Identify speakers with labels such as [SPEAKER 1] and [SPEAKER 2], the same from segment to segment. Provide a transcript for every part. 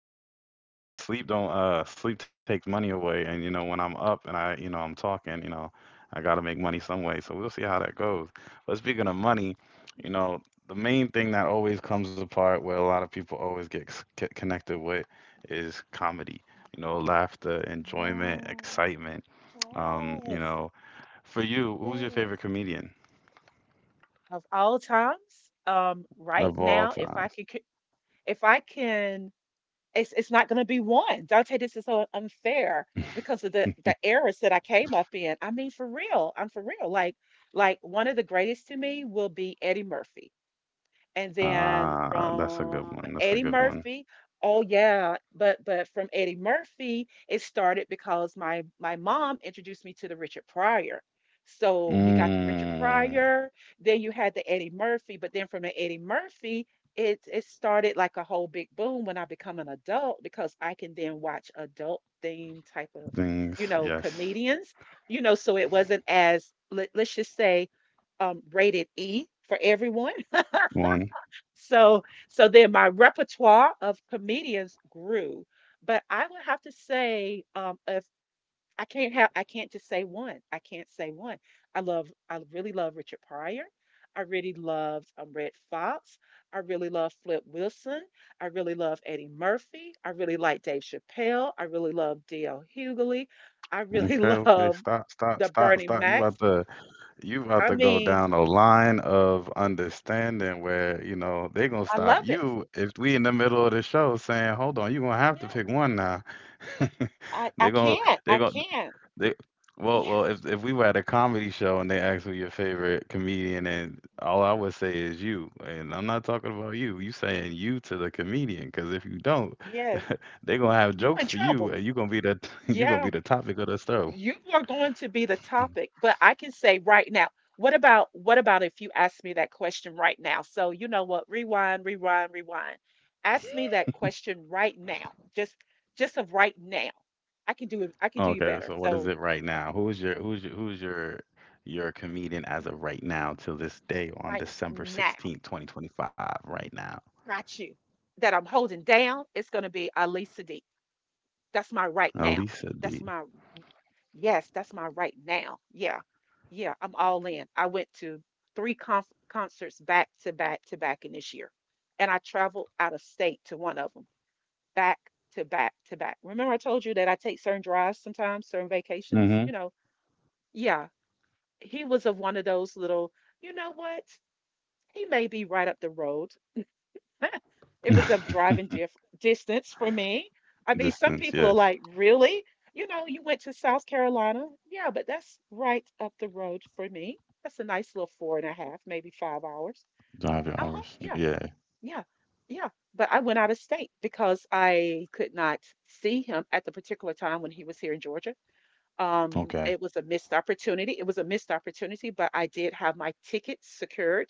[SPEAKER 1] Oh,
[SPEAKER 2] sleep don't sleep takes money away. And you know, when I'm up and I I'm talking, you know, I gotta make money some way. So we'll see how that goes. But speaking of money, you know, the main thing that always comes apart where a lot of people always get connected with is comedy. You know, laughter, enjoyment,
[SPEAKER 1] oh.
[SPEAKER 2] excitement. You
[SPEAKER 1] Yes,
[SPEAKER 2] know, for you, who's your favorite
[SPEAKER 1] yes.
[SPEAKER 2] comedian?
[SPEAKER 1] Of all times, right
[SPEAKER 2] Of all
[SPEAKER 1] now, if I
[SPEAKER 2] times.
[SPEAKER 1] could, if I can it's not going to be one. Dante, this is so unfair because of the eras that I came up in. I mean, for real, I'm for real. Like one of the greatest to me will be Eddie Murphy and then
[SPEAKER 2] Ah, that's a good
[SPEAKER 1] from
[SPEAKER 2] one. That's a
[SPEAKER 1] Eddie
[SPEAKER 2] good one.
[SPEAKER 1] Murphy. Oh yeah, but from Eddie Murphy, it started because my mom introduced me to the Richard Pryor. So you got the Richard
[SPEAKER 2] Mm,
[SPEAKER 1] Pryor, then you had the Eddie Murphy, but then from the Eddie Murphy, it started like a whole big boom when I become an adult because I can then watch adult themed type of,
[SPEAKER 2] things, yes.
[SPEAKER 1] comedians. So it wasn't as let's just say rated E for everyone.
[SPEAKER 2] One.
[SPEAKER 1] So so then my repertoire of comedians grew, but I would have to say if I can't just say one. I can't say one. I really love Richard Pryor. I really loved Red Fox. I really love Flip Wilson. I really love Eddie Murphy. I really like Dave Chappelle. I really love D.L. Hughley. I really
[SPEAKER 2] Okay, okay.
[SPEAKER 1] love
[SPEAKER 2] Stop, stop,
[SPEAKER 1] the
[SPEAKER 2] stop,
[SPEAKER 1] Bernie
[SPEAKER 2] stop. You
[SPEAKER 1] Mac.
[SPEAKER 2] about to you about
[SPEAKER 1] I
[SPEAKER 2] to go
[SPEAKER 1] mean,
[SPEAKER 2] down a line of understanding where, you know, they gonna
[SPEAKER 1] I
[SPEAKER 2] stop
[SPEAKER 1] love it.
[SPEAKER 2] you if we in the middle of the show saying, hold on, you gonna have to
[SPEAKER 1] Yeah,
[SPEAKER 2] pick one now.
[SPEAKER 1] I
[SPEAKER 2] They
[SPEAKER 1] I
[SPEAKER 2] gonna
[SPEAKER 1] can't.
[SPEAKER 2] they
[SPEAKER 1] I
[SPEAKER 2] gonna
[SPEAKER 1] can't.
[SPEAKER 2] They well,
[SPEAKER 1] Yeah.
[SPEAKER 2] well, if we were at a comedy show and they asked who your favorite comedian, and all I would say is you, and I'm not talking about you. You saying you to the comedian, because if you don't,
[SPEAKER 1] Yes,
[SPEAKER 2] they gonna have
[SPEAKER 1] you
[SPEAKER 2] jokes
[SPEAKER 1] in
[SPEAKER 2] for you,
[SPEAKER 1] trouble.
[SPEAKER 2] and you gonna be the you gonna be
[SPEAKER 1] Yeah,
[SPEAKER 2] the topic of the show.
[SPEAKER 1] you are going to be the topic. But I can say right now, what about if you ask me that question right now? So you know what? Rewind, rewind, rewind. Ask me that question right now. Just of right now. I can do it. I can do you
[SPEAKER 2] Okay,
[SPEAKER 1] better.
[SPEAKER 2] so what is
[SPEAKER 1] So
[SPEAKER 2] it right
[SPEAKER 1] okay,
[SPEAKER 2] now? Who is your who's your who's your comedian as
[SPEAKER 1] r-
[SPEAKER 2] of right now till this day on
[SPEAKER 1] right now,
[SPEAKER 2] December 16th, 2025, right now?
[SPEAKER 1] got you. That I'm holding down, it's gonna be Alisa D. That's my right now.
[SPEAKER 2] Alisa
[SPEAKER 1] That's
[SPEAKER 2] D.
[SPEAKER 1] my Yes, that's my right now. Yeah. Yeah, I'm all in. I went to three conf concerts back to back to back in this year. And I traveled out of state to one of them, back to back to back. Remember I told you that I take certain drives sometimes, certain vacations,
[SPEAKER 2] Mm-hmm.
[SPEAKER 1] you know. Yeah, he was of one of those little, you know what? He may be right up the road. It was of driving diff distance for me. I mean, some
[SPEAKER 2] Distance,
[SPEAKER 1] people are
[SPEAKER 2] yes.
[SPEAKER 1] like, really? You know, you went to South Carolina? Yeah, but that's right up the road for me. That's a nice little four and a half, maybe 5 hours.
[SPEAKER 2] Drive your
[SPEAKER 1] Uh-huh.
[SPEAKER 2] hours.
[SPEAKER 1] Yeah,
[SPEAKER 2] Yeah.
[SPEAKER 1] yeah, yeah. But I went out of state because I could not see him at the particular time when he was here in Georgia. It
[SPEAKER 2] Okay.
[SPEAKER 1] was a missed opportunity. It was a missed opportunity, but I did have my ticket secured,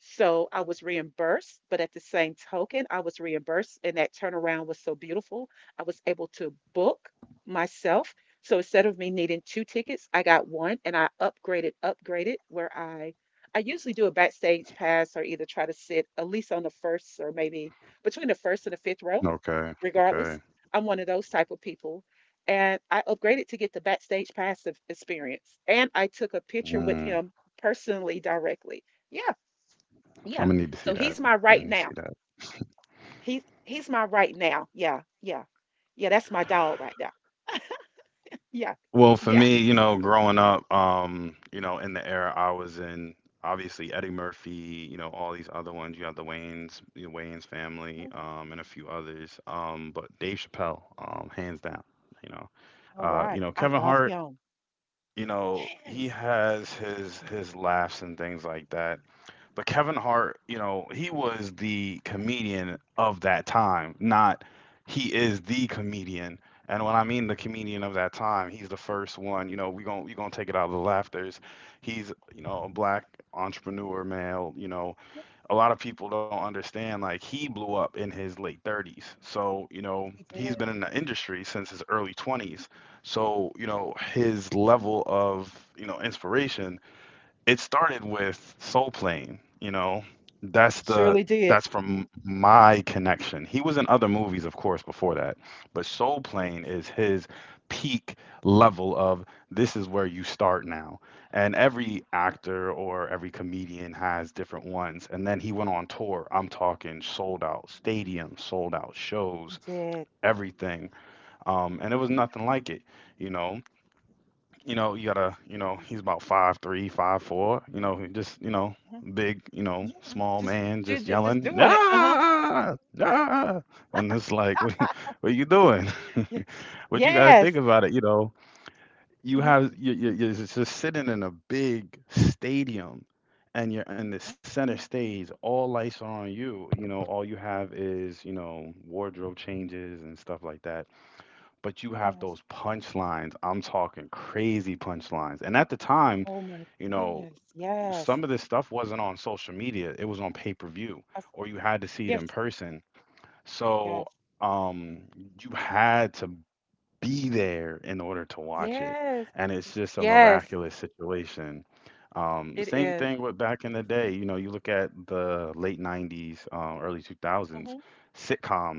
[SPEAKER 1] so I was reimbursed, but at the same token, I was reimbursed, and that turnaround was so beautiful. I was able to book myself. So instead of me needing two tickets, I got one, and I upgraded, where I usually do a backstage pass or either try to sit at least on the first or maybe between the first and the fifth row,
[SPEAKER 2] Okay.
[SPEAKER 1] regardless.
[SPEAKER 2] Okay.
[SPEAKER 1] I'm one of those type of people. And I upgraded to get the backstage pass experience. And I took a picture with
[SPEAKER 2] Mm.
[SPEAKER 1] him personally directly. Yeah, yeah.
[SPEAKER 2] I'm gonna need to
[SPEAKER 1] So
[SPEAKER 2] see
[SPEAKER 1] he's
[SPEAKER 2] that.
[SPEAKER 1] my
[SPEAKER 2] I
[SPEAKER 1] right
[SPEAKER 2] need to see
[SPEAKER 1] now.
[SPEAKER 2] that.
[SPEAKER 1] He's my right now. Yeah, yeah. Yeah, that's my dog right there. Yeah.
[SPEAKER 2] Well, for
[SPEAKER 1] Yeah.
[SPEAKER 2] me, you know, growing up, you know, in the era I was in, obviously Eddie Murphy, you know, all these other ones. You have the Wayans family,
[SPEAKER 1] Mhm.
[SPEAKER 2] and a few others. But Dave Chappelle, hands down. You know,
[SPEAKER 1] All right.
[SPEAKER 2] you know,
[SPEAKER 1] I
[SPEAKER 2] Kevin
[SPEAKER 1] love
[SPEAKER 2] Hart.
[SPEAKER 1] him.
[SPEAKER 2] You know, he
[SPEAKER 1] Yes.
[SPEAKER 2] has his laughs and things like that. But Kevin Hart, you know, he was the comedian of that time, not he is the comedian. And when I mean the comedian of that time, he's the first one. You know, we gonna take it out of the laughters. He's, you know, a black entrepreneur male. You know,
[SPEAKER 1] Yes,
[SPEAKER 2] a lot of people don't understand, like, he blew up in his late 30s. So you know
[SPEAKER 1] he
[SPEAKER 2] he's
[SPEAKER 1] did.
[SPEAKER 2] been in the industry since his early 20s. So you know his level of, you know, inspiration, it started with Soul Plane, you know. That's the
[SPEAKER 1] Surely did.
[SPEAKER 2] that's from my connection. He was in other movies, of course, before that, but Soul
[SPEAKER 1] Yes.
[SPEAKER 2] Plane is his peak level of this is where you start now. And every
[SPEAKER 1] Yeah,
[SPEAKER 2] actor or every comedian has different ones. And then he went on tour. I'm talking sold out stadiums, sold out
[SPEAKER 1] he
[SPEAKER 2] shows,
[SPEAKER 1] did.
[SPEAKER 2] everything. And it was nothing like it, you know, you know, you gotta, you
[SPEAKER 1] Yes.
[SPEAKER 2] know, he's about 5'3", 5'4", you know, he just, you know,
[SPEAKER 1] Mhm.
[SPEAKER 2] big, you know,
[SPEAKER 1] Yeah.
[SPEAKER 2] small
[SPEAKER 1] Just,
[SPEAKER 2] man just
[SPEAKER 1] just
[SPEAKER 2] yelling,
[SPEAKER 1] doing it. Uh-huh.
[SPEAKER 2] ah, ah, and it's like, what are you doing?
[SPEAKER 1] Yeah.
[SPEAKER 2] But you gotta
[SPEAKER 1] Yes.
[SPEAKER 2] think about it, you know, you
[SPEAKER 1] Hmm.
[SPEAKER 2] have you're just sitting in a big stadium, and you're in the center stage, all lights are on you, you know, all you have is, you know, wardrobe changes and stuff like that, but you have
[SPEAKER 1] Yes.
[SPEAKER 2] those punchlines. I'm talking crazy punchlines. And at the time,
[SPEAKER 1] Oh my
[SPEAKER 2] you know,
[SPEAKER 1] goodness. Yes.
[SPEAKER 2] some of this stuff wasn't on social media. It was on pay-per-view,
[SPEAKER 1] That's,
[SPEAKER 2] or you had to see it in
[SPEAKER 1] yes.
[SPEAKER 2] person. So,
[SPEAKER 1] Yes.
[SPEAKER 2] um, you had to be there in order to watch it.
[SPEAKER 1] Yes.
[SPEAKER 2] And it's just a
[SPEAKER 1] Yes.
[SPEAKER 2] miraculous situation.
[SPEAKER 1] It
[SPEAKER 2] Same
[SPEAKER 1] is.
[SPEAKER 2] thing with back in
[SPEAKER 1] It
[SPEAKER 2] the
[SPEAKER 1] is.
[SPEAKER 2] day. You know, you look at the late 90s, early 2000s,
[SPEAKER 1] Mm-hmm.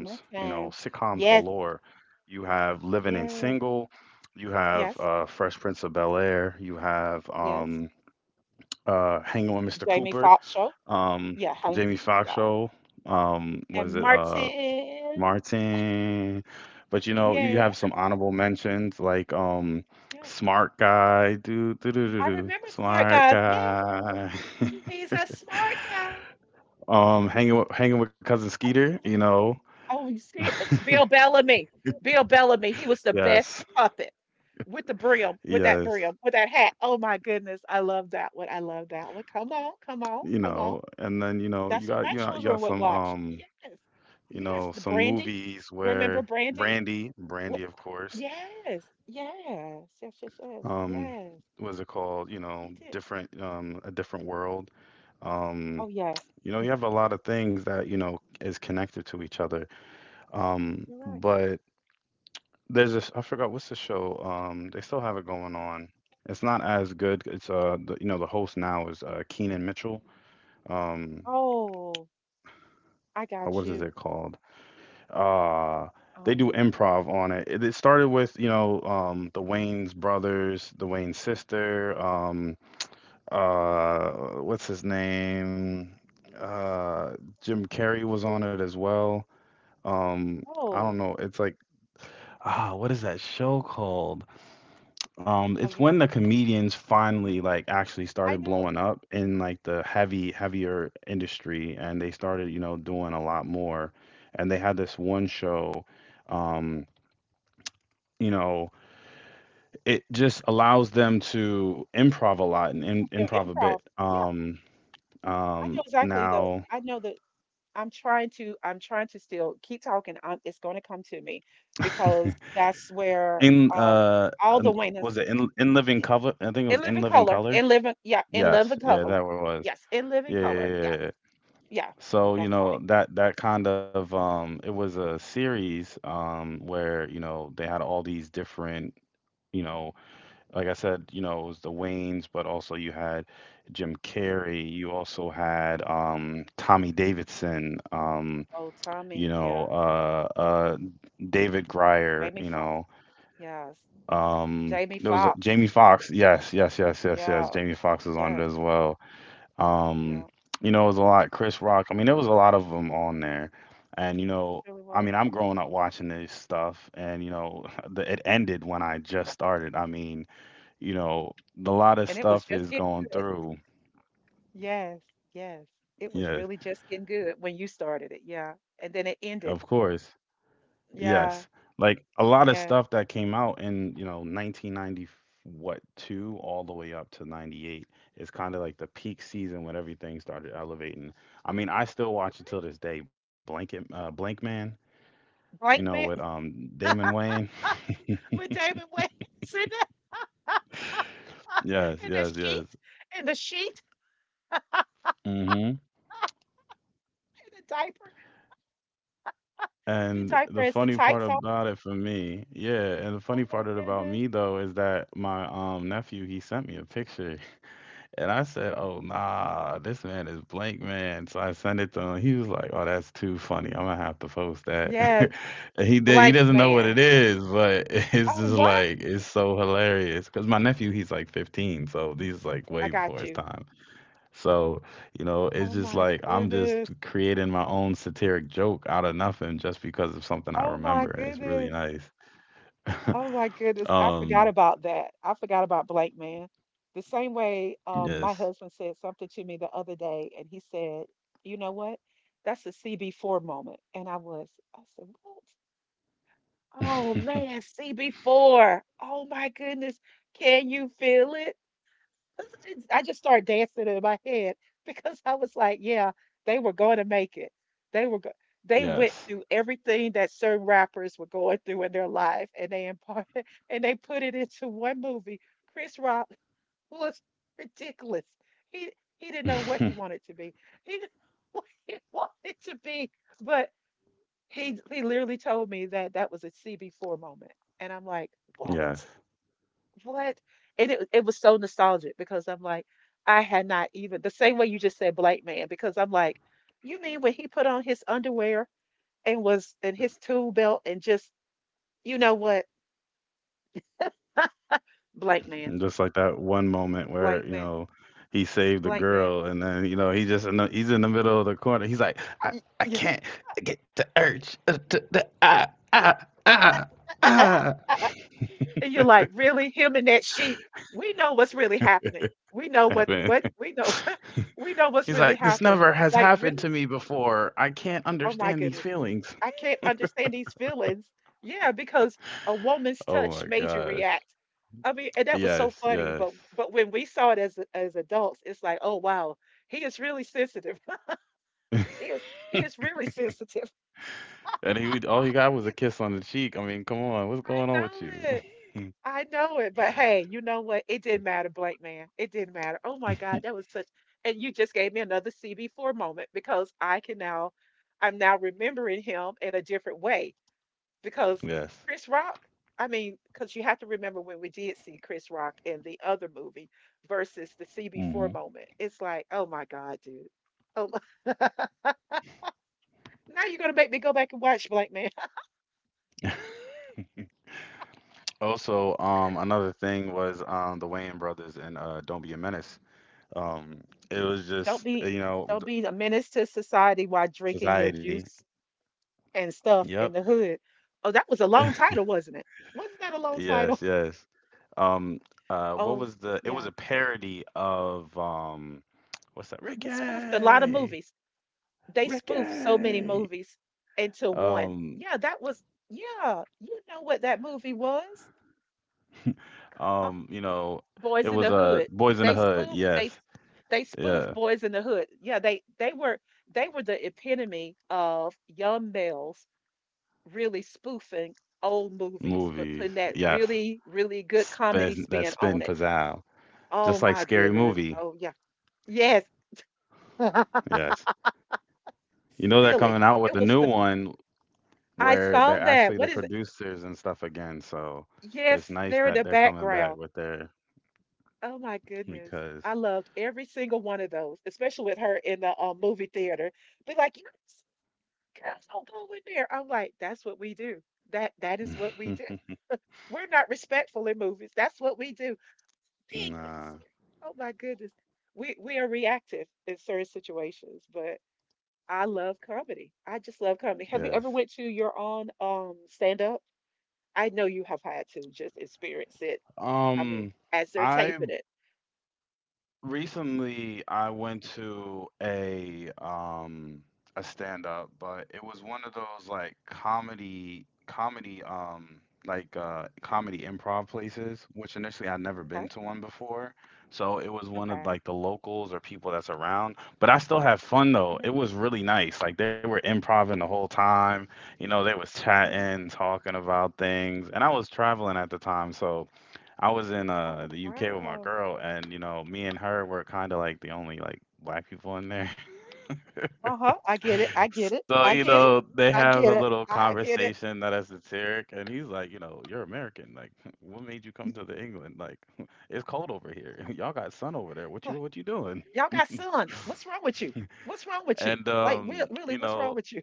[SPEAKER 1] My
[SPEAKER 2] you know,
[SPEAKER 1] time.
[SPEAKER 2] sitcoms
[SPEAKER 1] Yes,
[SPEAKER 2] galore. You have Living in
[SPEAKER 1] yes,
[SPEAKER 2] Single, you have
[SPEAKER 1] yes,
[SPEAKER 2] Fresh Prince of Bel-Air, you have
[SPEAKER 1] yes.
[SPEAKER 2] Hanging with Mr.
[SPEAKER 1] Jamie
[SPEAKER 2] Cooper,
[SPEAKER 1] Foxx show.
[SPEAKER 2] um,
[SPEAKER 1] Yeah,
[SPEAKER 2] Jamie Foxx
[SPEAKER 1] yeah.
[SPEAKER 2] show, was
[SPEAKER 1] And
[SPEAKER 2] it
[SPEAKER 1] Martin.
[SPEAKER 2] Martin. But you know, you
[SPEAKER 1] Yeah,
[SPEAKER 2] have some honorable mentions like
[SPEAKER 1] yeah.
[SPEAKER 2] Smart Guy, do do do do
[SPEAKER 1] I
[SPEAKER 2] do,
[SPEAKER 1] remember Smart
[SPEAKER 2] Smart
[SPEAKER 1] Guys. Yeah,
[SPEAKER 2] Guy.
[SPEAKER 1] he's a smart guy.
[SPEAKER 2] Hanging with cousin
[SPEAKER 1] I
[SPEAKER 2] Skeeter,
[SPEAKER 1] remember.
[SPEAKER 2] you
[SPEAKER 1] The,
[SPEAKER 2] know.
[SPEAKER 1] oh, you see, it? Bill Bellamy. Bill Bellamy. He was the best
[SPEAKER 2] Yes.
[SPEAKER 1] puppet with the
[SPEAKER 2] Yes.
[SPEAKER 1] brim, with that hat. Oh my goodness, I love that one. I love that one. Come on, come on,
[SPEAKER 2] You
[SPEAKER 1] come on.
[SPEAKER 2] know, and then you know, you
[SPEAKER 1] That's what
[SPEAKER 2] got
[SPEAKER 1] my
[SPEAKER 2] you got you
[SPEAKER 1] children
[SPEAKER 2] got
[SPEAKER 1] would
[SPEAKER 2] some
[SPEAKER 1] watch. Yes.
[SPEAKER 2] you
[SPEAKER 1] Yes.
[SPEAKER 2] know,
[SPEAKER 1] The
[SPEAKER 2] some
[SPEAKER 1] Brandy.
[SPEAKER 2] movies
[SPEAKER 1] Remember
[SPEAKER 2] where
[SPEAKER 1] Brandy?
[SPEAKER 2] Brandy,
[SPEAKER 1] What?
[SPEAKER 2] Brandy of course,
[SPEAKER 1] Yes. Yes. Yes. Yes. Yes.
[SPEAKER 2] um
[SPEAKER 1] Yes.
[SPEAKER 2] was it called, you know,
[SPEAKER 1] You did.
[SPEAKER 2] different a different world. Um
[SPEAKER 1] Oh, yes.
[SPEAKER 2] You know, you have a lot of things that, you know, is connected to each other.
[SPEAKER 1] You're right.
[SPEAKER 2] But there's this, I forgot what's the show. They still have it going on. It's not as good. It's you know, the host now is Keenan Mitchell. Um,
[SPEAKER 1] Oh, I got
[SPEAKER 2] what is
[SPEAKER 1] you.
[SPEAKER 2] it called? Uh, they do
[SPEAKER 1] Um,
[SPEAKER 2] improv on it. It started with, you know, the Wayne's brothers, the Wayne's sister. Uh, what's his name? Uh, Jim Carrey was on
[SPEAKER 1] who-
[SPEAKER 2] it as well. Um, I don't
[SPEAKER 1] oh,
[SPEAKER 2] know, it's like, ah, what is that show called?
[SPEAKER 1] oh,
[SPEAKER 2] It's when the comedians finally, like, actually
[SPEAKER 1] I
[SPEAKER 2] started
[SPEAKER 1] know.
[SPEAKER 2] blowing up in, like, the heavy heavier industry, and they started, you know, doing a lot more. And they had this one show, um, you know, it just allows them to improv a lot and im
[SPEAKER 1] They're
[SPEAKER 2] improv a
[SPEAKER 1] improv.
[SPEAKER 2] bit.
[SPEAKER 1] Yeah. I know exactly
[SPEAKER 2] Now
[SPEAKER 1] I know that I'm trying to still keep talking. I it's going to come to me because that's where,
[SPEAKER 2] in
[SPEAKER 1] um, all the
[SPEAKER 2] um,
[SPEAKER 1] Waynas.
[SPEAKER 2] was it in Living Color? I think it
[SPEAKER 1] In
[SPEAKER 2] was In
[SPEAKER 1] living
[SPEAKER 2] Living
[SPEAKER 1] color.
[SPEAKER 2] Color.
[SPEAKER 1] In living, yeah, in
[SPEAKER 2] Yes,
[SPEAKER 1] living
[SPEAKER 2] yeah,
[SPEAKER 1] color.
[SPEAKER 2] that what it was.
[SPEAKER 1] Yes, in living
[SPEAKER 2] Yeah, yeah,
[SPEAKER 1] color.
[SPEAKER 2] yeah,
[SPEAKER 1] Yes,
[SPEAKER 2] yeah.
[SPEAKER 1] yeah,
[SPEAKER 2] So,
[SPEAKER 1] that's
[SPEAKER 2] you
[SPEAKER 1] right.
[SPEAKER 2] know, that that kind of it was a series where, you know, they had all these different, you know, like I said, you know, it was the Waynes, but also you had Jim Carrey, you also had Tommy Davidson,
[SPEAKER 1] Oh,
[SPEAKER 2] you
[SPEAKER 1] Tommy.
[SPEAKER 2] know,
[SPEAKER 1] Yeah,
[SPEAKER 2] David Grier,
[SPEAKER 1] Jamie
[SPEAKER 2] you
[SPEAKER 1] Foxx.
[SPEAKER 2] know,
[SPEAKER 1] Yes, Jamie
[SPEAKER 2] there was a,
[SPEAKER 1] Foxx.
[SPEAKER 2] Jamie Foxx. Yes, yes, yes, yes, yes.
[SPEAKER 1] Yeah,
[SPEAKER 2] Jamie Foxx is on it
[SPEAKER 1] yes,
[SPEAKER 2] as well. Um,
[SPEAKER 1] yeah, it
[SPEAKER 2] you know, it was a lot. Chris Rock. I mean, there was a lot of them on there, and you know,
[SPEAKER 1] surely
[SPEAKER 2] I
[SPEAKER 1] was.
[SPEAKER 2] mean, I'm growing up watching this stuff, and you know, it ended when I just started. I mean, you know, a lot of
[SPEAKER 1] And it was
[SPEAKER 2] stuff
[SPEAKER 1] just
[SPEAKER 2] is
[SPEAKER 1] getting
[SPEAKER 2] going
[SPEAKER 1] good.
[SPEAKER 2] through.
[SPEAKER 1] Yes, yes, it was
[SPEAKER 2] Yeah,
[SPEAKER 1] really just getting good when you started it. Yeah, and then it ended.
[SPEAKER 2] of course.
[SPEAKER 1] Yeah,
[SPEAKER 2] Yes, like a lot of
[SPEAKER 1] yes.
[SPEAKER 2] stuff that came out in, you know, 1990 what two all the way up to 98 is kind of like the peak season when everything started elevating. I mean, I still watch it till this day. Blank Man, you know,
[SPEAKER 1] Blank
[SPEAKER 2] with
[SPEAKER 1] man
[SPEAKER 2] Damon Wayne.
[SPEAKER 1] with Damon Wayans the,
[SPEAKER 2] Yes,
[SPEAKER 1] in
[SPEAKER 2] yes,
[SPEAKER 1] the
[SPEAKER 2] yes.
[SPEAKER 1] sheet, in the sheet,
[SPEAKER 2] Hmm.
[SPEAKER 1] in the diaper. The
[SPEAKER 2] And
[SPEAKER 1] diaper
[SPEAKER 2] the
[SPEAKER 1] is the
[SPEAKER 2] funny part
[SPEAKER 1] tights on.
[SPEAKER 2] about it for me, yeah, and the funny
[SPEAKER 1] Oh my
[SPEAKER 2] part it about
[SPEAKER 1] goodness.
[SPEAKER 2] me though is that my nephew, he sent me a picture and I said, "Oh nah, this man is blank man." So I sent it to him. He was like, "Oh, that's too funny. I'm gonna have to post that."
[SPEAKER 1] Yes,
[SPEAKER 2] And he did. He
[SPEAKER 1] blank
[SPEAKER 2] doesn't know what it
[SPEAKER 1] man.
[SPEAKER 2] is, but it's
[SPEAKER 1] Oh
[SPEAKER 2] just
[SPEAKER 1] what?
[SPEAKER 2] like it's so hilarious because my nephew he's like 15, so he's like
[SPEAKER 1] I
[SPEAKER 2] way before
[SPEAKER 1] got
[SPEAKER 2] his
[SPEAKER 1] you.
[SPEAKER 2] time. So, you know, it's
[SPEAKER 1] Oh
[SPEAKER 2] just
[SPEAKER 1] my
[SPEAKER 2] like I'm just
[SPEAKER 1] goodness.
[SPEAKER 2] creating my own satiric joke out of nothing just because of something I
[SPEAKER 1] Oh my
[SPEAKER 2] remember, and it's really
[SPEAKER 1] goodness.
[SPEAKER 2] nice.
[SPEAKER 1] Oh my goodness. I forgot
[SPEAKER 2] Um,
[SPEAKER 1] about that. I forgot about blank man. The same way my
[SPEAKER 2] yes.
[SPEAKER 1] husband said something to me the other day, and he said, "You know what? That's a CB4 moment." And I said, "What? Oh man, CB4. Oh my goodness. Can you feel it?" I just started dancing in my head because I was like, yeah, they were going to make it. They were go- they went
[SPEAKER 2] Yes.
[SPEAKER 1] through everything that certain rappers were going through in their life, and they imparted and they put it into one movie. Chris Rock was ridiculous. He he didn't know what he wanted to be. He didn't know what he wanted to be, but he literally told me that that was a CB4 moment. And I'm like,
[SPEAKER 2] Yes.
[SPEAKER 1] what? What? And it was so nostalgic because I'm like, I had not even the same way you just said black man, because I'm like, you mean when he put on his underwear and was and his tool belt and just, you know what? Black man,
[SPEAKER 2] And just like that one moment
[SPEAKER 1] black
[SPEAKER 2] where, you
[SPEAKER 1] man,
[SPEAKER 2] know, he saved the
[SPEAKER 1] black man.
[SPEAKER 2] girl and then, you know, he's in the middle of the corner. He's like,
[SPEAKER 1] Y-
[SPEAKER 2] I
[SPEAKER 1] Yeah.
[SPEAKER 2] can't get the urge. Ah, ah, ah, ah.
[SPEAKER 1] And you're like, really? Him in that sheet? We know what's really happening. We know
[SPEAKER 2] Yeah,
[SPEAKER 1] what
[SPEAKER 2] man.
[SPEAKER 1] what we know we know what's
[SPEAKER 2] He's
[SPEAKER 1] really
[SPEAKER 2] like, this
[SPEAKER 1] happening.
[SPEAKER 2] never has
[SPEAKER 1] Like,
[SPEAKER 2] happened
[SPEAKER 1] really.
[SPEAKER 2] to me before. I can't
[SPEAKER 1] Oh my
[SPEAKER 2] understand these
[SPEAKER 1] goodness.
[SPEAKER 2] feelings.
[SPEAKER 1] I can't understand these feelings. Yeah, because a woman's
[SPEAKER 2] Oh
[SPEAKER 1] touch
[SPEAKER 2] my
[SPEAKER 1] made you
[SPEAKER 2] gosh.
[SPEAKER 1] react. I mean, and that was so
[SPEAKER 2] Yes,
[SPEAKER 1] funny,
[SPEAKER 2] yes.
[SPEAKER 1] but when we saw it as adults, it's like, oh wow, he is really sensitive. He is really sensitive.
[SPEAKER 2] And he would- all he got was
[SPEAKER 1] He
[SPEAKER 2] a
[SPEAKER 1] is-
[SPEAKER 2] kiss on the cheek. I mean, come on, what's
[SPEAKER 1] I
[SPEAKER 2] going on with you?
[SPEAKER 1] know it. I know it. But hey, you know what? It didn't matter, Blake man. It didn't matter. Oh my God, that was such, and you just gave me another CB4 moment because I'm now remembering him in a different way. Because
[SPEAKER 2] Yes.
[SPEAKER 1] Chris Rock, I mean, because you have to remember when we did see Chris Rock in the other movie versus the CB4
[SPEAKER 2] Hmm.
[SPEAKER 1] moment. It's like, oh my God, dude. Oh my. Now you're gonna make me go back and watch Blank Man.
[SPEAKER 2] Also, another thing was the Wayne brothers and Don't Be a Menace. Um, it was
[SPEAKER 1] Don't
[SPEAKER 2] just
[SPEAKER 1] be
[SPEAKER 2] you know,
[SPEAKER 1] don't be a menace to society while drinking your
[SPEAKER 2] society.
[SPEAKER 1] juice and stuff
[SPEAKER 2] Yep.
[SPEAKER 1] in the hood. Oh, that was a long title, wasn't it? Wasn't that a long
[SPEAKER 2] Yes,
[SPEAKER 1] title?
[SPEAKER 2] yes. Um, what
[SPEAKER 1] Oh,
[SPEAKER 2] was the? It was
[SPEAKER 1] yeah.
[SPEAKER 2] a parody of what's that?
[SPEAKER 1] We spoofed a lot of
[SPEAKER 2] Ricky,
[SPEAKER 1] movies. They spoofed so many
[SPEAKER 2] Ricky.
[SPEAKER 1] movies into one.
[SPEAKER 2] Um,
[SPEAKER 1] Yeah, that was yeah, you know what that movie was? Come on,
[SPEAKER 2] you know,
[SPEAKER 1] Boys
[SPEAKER 2] it
[SPEAKER 1] in the
[SPEAKER 2] was
[SPEAKER 1] Hood.
[SPEAKER 2] Boys in the
[SPEAKER 1] They
[SPEAKER 2] Hood.
[SPEAKER 1] spoofed
[SPEAKER 2] Yes,
[SPEAKER 1] they they spoofed
[SPEAKER 2] yeah,
[SPEAKER 1] Boys in the Hood. Yeah, they were the epitome of young males really spoofing old movies, but
[SPEAKER 2] movies.
[SPEAKER 1] putting that
[SPEAKER 2] Yes,
[SPEAKER 1] really, really good comedy
[SPEAKER 2] spin that
[SPEAKER 1] spin
[SPEAKER 2] spin
[SPEAKER 1] on it.
[SPEAKER 2] pizzazz,
[SPEAKER 1] Oh
[SPEAKER 2] just like
[SPEAKER 1] my
[SPEAKER 2] Scary
[SPEAKER 1] goodness.
[SPEAKER 2] Movie.
[SPEAKER 1] Oh yeah. Yes.
[SPEAKER 2] Yes, you know they're
[SPEAKER 1] Silly.
[SPEAKER 2] coming out with
[SPEAKER 1] It
[SPEAKER 2] a
[SPEAKER 1] was
[SPEAKER 2] new
[SPEAKER 1] the
[SPEAKER 2] one
[SPEAKER 1] I
[SPEAKER 2] where
[SPEAKER 1] saw
[SPEAKER 2] they're
[SPEAKER 1] that.
[SPEAKER 2] actually the
[SPEAKER 1] What is it?
[SPEAKER 2] producers and stuff again. So it's
[SPEAKER 1] Yes,
[SPEAKER 2] nice
[SPEAKER 1] they're in
[SPEAKER 2] that
[SPEAKER 1] the
[SPEAKER 2] they're coming back
[SPEAKER 1] background.
[SPEAKER 2] with their
[SPEAKER 1] Oh my goodness.
[SPEAKER 2] because
[SPEAKER 1] I loved every single one of those, especially with her in the movie theater. Be like, some girls don't go in there. I'm like, that's what we do. That is what we do. We're not respectful in movies. That's what we do. Man, you
[SPEAKER 2] nah,
[SPEAKER 1] serious. Oh my goodness. We are reactive in certain situations, but I love comedy. I just love comedy. Have you ever
[SPEAKER 2] yes.
[SPEAKER 1] went to your own stand up? I know you have had to just experience it. I mean,
[SPEAKER 2] Um,
[SPEAKER 1] as they're
[SPEAKER 2] I
[SPEAKER 1] taping it.
[SPEAKER 2] Recently, I went to a stand up, but it was one of those like comedy improv places, which initially I'd never
[SPEAKER 1] Okay.
[SPEAKER 2] been to one before. So it was one of
[SPEAKER 1] Okay.
[SPEAKER 2] like the locals or people that's around. But I still had fun though.
[SPEAKER 1] Hmm.
[SPEAKER 2] It was really nice. Like they were improvising the whole time. You know, they was chatting, talking about things, and I was traveling at the time, so I was in
[SPEAKER 1] Oh,
[SPEAKER 2] the UK with my
[SPEAKER 1] wow.
[SPEAKER 2] girl, and you know, me and her were kind of like the only like black people in there.
[SPEAKER 1] Uh-huh. I get it. I get it.
[SPEAKER 2] So
[SPEAKER 1] I
[SPEAKER 2] you
[SPEAKER 1] get it.
[SPEAKER 2] know, they
[SPEAKER 1] I
[SPEAKER 2] have a
[SPEAKER 1] get it.
[SPEAKER 2] little
[SPEAKER 1] I get it.
[SPEAKER 2] conversation that is satiric, and he's like, you know, you're American. Like, what made you come to the England? Like, it's cold over here. Y'all got sun over there. What you
[SPEAKER 1] Like,
[SPEAKER 2] what you doing?
[SPEAKER 1] y'all got sun. What's wrong with you? What's wrong with you?
[SPEAKER 2] And
[SPEAKER 1] Like, real, really,
[SPEAKER 2] you
[SPEAKER 1] what's wrong
[SPEAKER 2] know,
[SPEAKER 1] with you?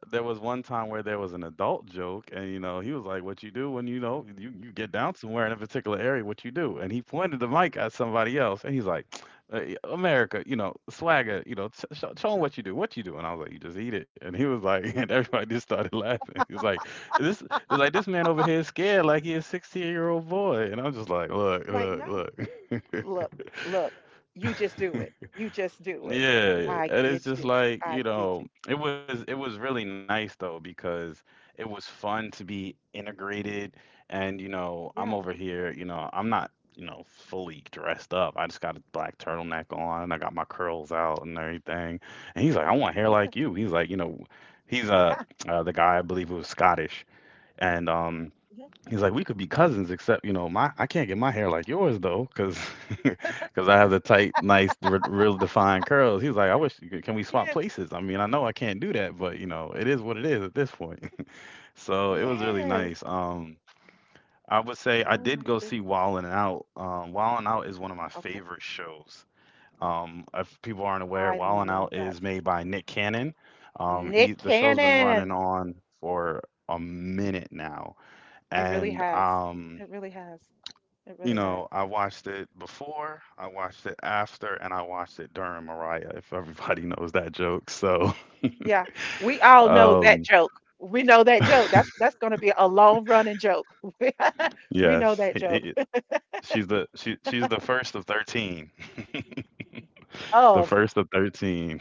[SPEAKER 2] there was one time where there was an adult joke, and you know, he was like, "What you do when you know you get down somewhere in a particular area? What you do?" And he pointed the mic at somebody else, and he's like, "Hey, America, you know, swagger, you know, show 'em what you do. What you do?" And I was like, "You just eat it." And he was like, and everybody just started laughing. He was like, "This is like this man over here is scared like he a 16-year old boy," and I'm just like, "Look,
[SPEAKER 1] Like,
[SPEAKER 2] look,
[SPEAKER 1] no.
[SPEAKER 2] look."
[SPEAKER 1] Look, look, you just do it. You just do it.
[SPEAKER 2] Yeah, yeah,
[SPEAKER 1] I
[SPEAKER 2] and it's
[SPEAKER 1] get
[SPEAKER 2] just
[SPEAKER 1] you.
[SPEAKER 2] like, you
[SPEAKER 1] I get
[SPEAKER 2] know,
[SPEAKER 1] you.
[SPEAKER 2] it was really nice though because it was fun to be integrated and you know, I'm
[SPEAKER 1] Yeah.
[SPEAKER 2] over here, you know, I'm not, you know, fully dressed up. I just got a black turtleneck on, I got my curls out and everything. And he's like, "I want hair
[SPEAKER 1] Yes.
[SPEAKER 2] like you." He's like, you know, he's
[SPEAKER 1] Uh-huh.
[SPEAKER 2] the guy I believe who was Scottish and
[SPEAKER 1] Mhm.
[SPEAKER 2] he's like, we could be cousins, except you know, my I can't get my hair like yours though, because I have the tight, nice, real defined curls. He's like, I wish you could, can we swap
[SPEAKER 1] Yes.
[SPEAKER 2] places? I mean, I know I can't do that, but you know, it is what it is at this point. So it was really
[SPEAKER 1] Yes.
[SPEAKER 2] nice. I would say I
[SPEAKER 1] Oh
[SPEAKER 2] did
[SPEAKER 1] my
[SPEAKER 2] go see
[SPEAKER 1] goodness.
[SPEAKER 2] Wildin' Out. Wildin' Out is one of my
[SPEAKER 1] Okay.
[SPEAKER 2] favorite shows. If people aren't aware,
[SPEAKER 1] I
[SPEAKER 2] Wildin'
[SPEAKER 1] love
[SPEAKER 2] Out
[SPEAKER 1] that.
[SPEAKER 2] is made by Nick Cannon. He
[SPEAKER 1] Nick
[SPEAKER 2] the show's been running
[SPEAKER 1] Cannon.
[SPEAKER 2] on for a minute now
[SPEAKER 1] It really
[SPEAKER 2] and
[SPEAKER 1] has. It really has. It
[SPEAKER 2] you
[SPEAKER 1] really has.
[SPEAKER 2] know, I watched it before, I watched it after, and I watched it during Mariah, if everybody knows that joke. So,
[SPEAKER 1] Yeah, we all know that
[SPEAKER 2] um,
[SPEAKER 1] joke. We know that joke. That's that's going to be a long running joke. We we know
[SPEAKER 2] yes,
[SPEAKER 1] that joke.
[SPEAKER 2] she's the she's the first of 13. The
[SPEAKER 1] Of,
[SPEAKER 2] first of 13.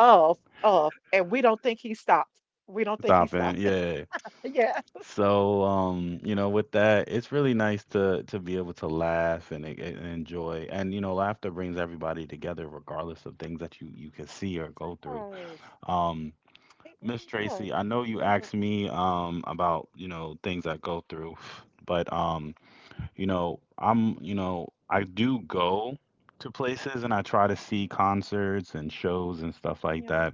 [SPEAKER 1] of, and we don't think he stopped. We don't think he
[SPEAKER 2] Stopping.
[SPEAKER 1] stopped.
[SPEAKER 2] Yeah.
[SPEAKER 1] Yeah,
[SPEAKER 2] So, you know, with that, it's really nice to be able to laugh and enjoy. And you know, laughter brings everybody together regardless of things that you can see or
[SPEAKER 1] it
[SPEAKER 2] go through.
[SPEAKER 1] does.
[SPEAKER 2] Um
[SPEAKER 1] It
[SPEAKER 2] Miss
[SPEAKER 1] really does.
[SPEAKER 2] Tracy, I know
[SPEAKER 1] It
[SPEAKER 2] you
[SPEAKER 1] really does.
[SPEAKER 2] asked me about, you know, things I go through, but you know, I do go to places and I try to see concerts and shows and stuff like
[SPEAKER 1] Yeah,
[SPEAKER 2] that.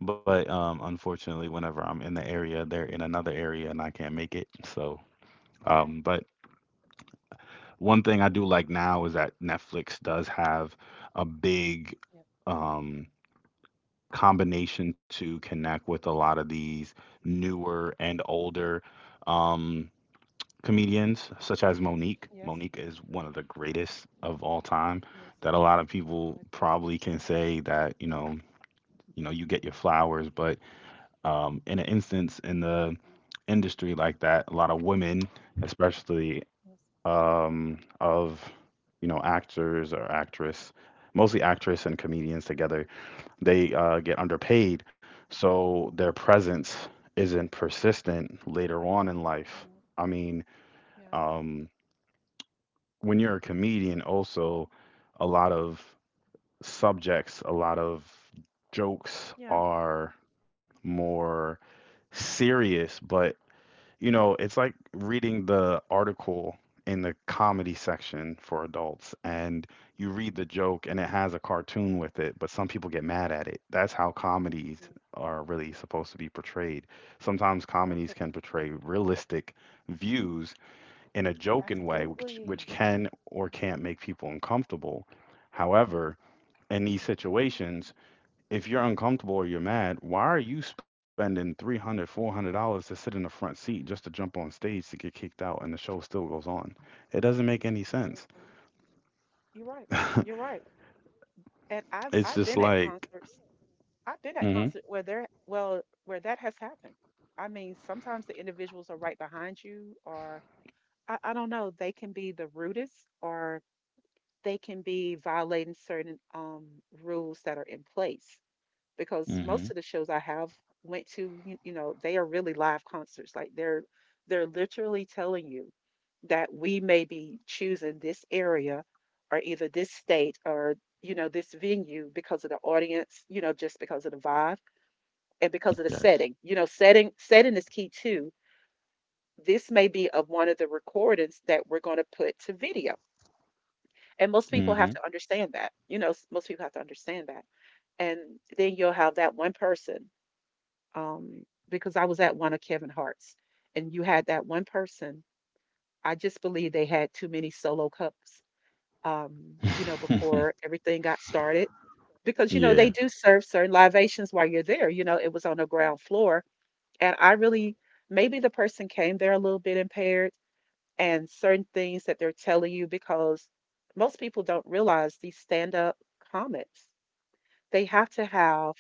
[SPEAKER 2] But unfortunately, whenever I'm in the area, they're in another area and I can't make it. So,
[SPEAKER 1] yeah,
[SPEAKER 2] but one thing I do like now is that Netflix does have a big
[SPEAKER 1] yeah.
[SPEAKER 2] um combination to connect with a lot of these newer and older, um, comedians, such as Monique.
[SPEAKER 1] Yes,
[SPEAKER 2] Monique is one of the greatest of all time.
[SPEAKER 1] yes.
[SPEAKER 2] That a lot of people
[SPEAKER 1] I agree.
[SPEAKER 2] probably can say that you get your flowers, but in an instance in the
[SPEAKER 1] Mm.
[SPEAKER 2] industry like that, a lot of women, especially
[SPEAKER 1] Yes.
[SPEAKER 2] of, you know, actors or actress, mostly actress and
[SPEAKER 1] Mhm.
[SPEAKER 2] comedians together, they get underpaid, so their presence isn't
[SPEAKER 1] Agree.
[SPEAKER 2] persistent later on in life.
[SPEAKER 1] Yeah,
[SPEAKER 2] I mean,
[SPEAKER 1] yeah,
[SPEAKER 2] um, when you're a comedian, also a lot of subjects, a lot of jokes
[SPEAKER 1] yeah,
[SPEAKER 2] are more serious, but you know, it's like reading the article in the comedy section for adults and you read the joke and it has a cartoon with it, but some people get mad at it. That's how
[SPEAKER 1] yeah.
[SPEAKER 2] comedies are really supposed to be portrayed. Sometimes
[SPEAKER 1] You're
[SPEAKER 2] comedies
[SPEAKER 1] right.
[SPEAKER 2] can portray realistic views in a joking way, which
[SPEAKER 1] Absolutely,
[SPEAKER 2] can or can't make people uncomfortable. However, in these situations, if you're uncomfortable or you're mad, why are you spending 300, $400 to sit in the front seat just to jump on stage to get kicked out and the show still goes on? It doesn't make any sense.
[SPEAKER 1] absolutely. You're right. You're right. And I've
[SPEAKER 2] It's
[SPEAKER 1] I've
[SPEAKER 2] just
[SPEAKER 1] been at
[SPEAKER 2] like.
[SPEAKER 1] concerts. I've been at
[SPEAKER 2] Mm
[SPEAKER 1] concert where there, well, where that has happened. I mean, sometimes the individuals are right behind you, or I don't know, they can be the rudest, or they can be violating certain rules that are in place.
[SPEAKER 2] hmm.
[SPEAKER 1] Because
[SPEAKER 2] Mm
[SPEAKER 1] most of
[SPEAKER 2] hmm.
[SPEAKER 1] the shows I have went to, you know, they are really live concerts. Like they're literally telling you that we may be choosing this area, or either this state, or, you know, this venue, because of the audience, you know, just because of the vibe and because of the
[SPEAKER 2] Yes.
[SPEAKER 1] setting. You know, setting is key too. This may be of one of the recordings that we're going to put to video. And most
[SPEAKER 2] Mm
[SPEAKER 1] people
[SPEAKER 2] hmm.
[SPEAKER 1] have to understand that. You know, most people have to understand that. And then you'll have that one person. Um, because I was at one of Kevin Hart's, and you had that one person. I just believe they had too many solo cups, um, you know, before everything got started. Because, you know,
[SPEAKER 2] yeah.
[SPEAKER 1] they do serve certain libations while you're there. You know, it was on the ground floor. And I really, maybe the person came there a little bit impaired, and certain things that they're telling you, because most people don't realize these stand up comics. They have to have,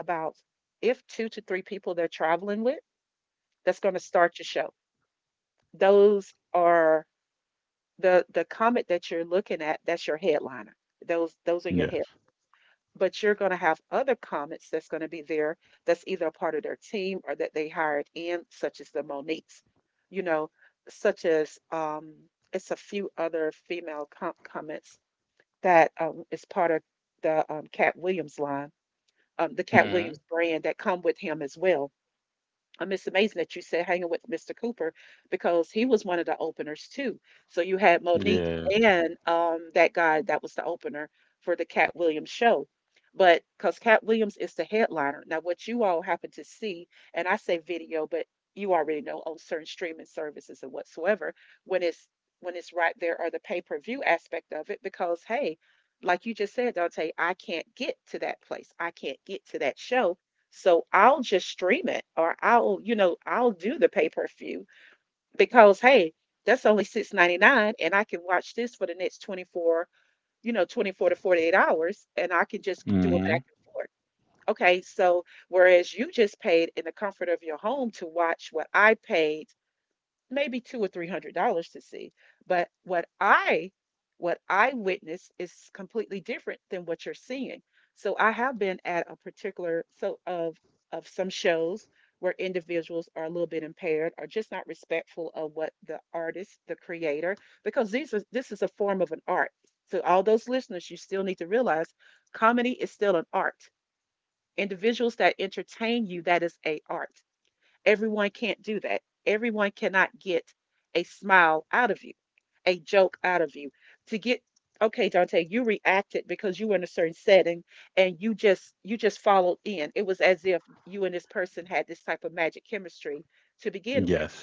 [SPEAKER 1] about, if two to three people they're traveling with, that's going to start your show. Those are the comic that you're looking at. That's your headliner. Those are your
[SPEAKER 2] Yes.
[SPEAKER 1] headliners, but you're going to have other comments that's going to be there, that's either a part of their team or that they hired in, such as the Moniques, you know, such as it's a few other female comments that is part of the Cat Williams line, the
[SPEAKER 2] Mm
[SPEAKER 1] Cat
[SPEAKER 2] hmm.
[SPEAKER 1] Williams brand that come with him as well. I'm just amazing that you said hanging with Mr. Cooper, because he was one of the openers too. So you had Monique
[SPEAKER 2] Yeah.
[SPEAKER 1] and that guy that was the opener for the Cat Williams show. But because Cat Williams is the headliner. Now, what you all happen to see, and I say video, but you already know on certain streaming services and whatsoever, when it's right there, or the pay-per-view aspect of it, because hey, like you just said, Dante, I can't get to that place. I can't get to that show, so I'll just stream it, or I'll do the pay-per-view, because hey, that's only 6.99 and I can watch this for the next 24, you know, 24 to 48 hours, and I can just
[SPEAKER 2] Mm
[SPEAKER 1] do it
[SPEAKER 2] hmm.
[SPEAKER 1] back and forth. Okay, so whereas you just paid in the comfort of your home to watch what I paid maybe two or three hundred dollars to see. But what I witnessed is completely different than what you're seeing. So I have been at a particular, so, of some shows where individuals are a little bit impaired or just not respectful of what the artist, the creator, because these are this is a form of an art. So all those listeners, you still need to realize comedy is still an art. Individuals that entertain you, that is a art. Everyone can't do that. Everyone cannot get a smile out of you, a joke out of you. To get, okay, Dante, you reacted because you were in a certain setting, and you just followed in. It was as if you and this person had this type of magic chemistry to begin with.
[SPEAKER 2] Yes.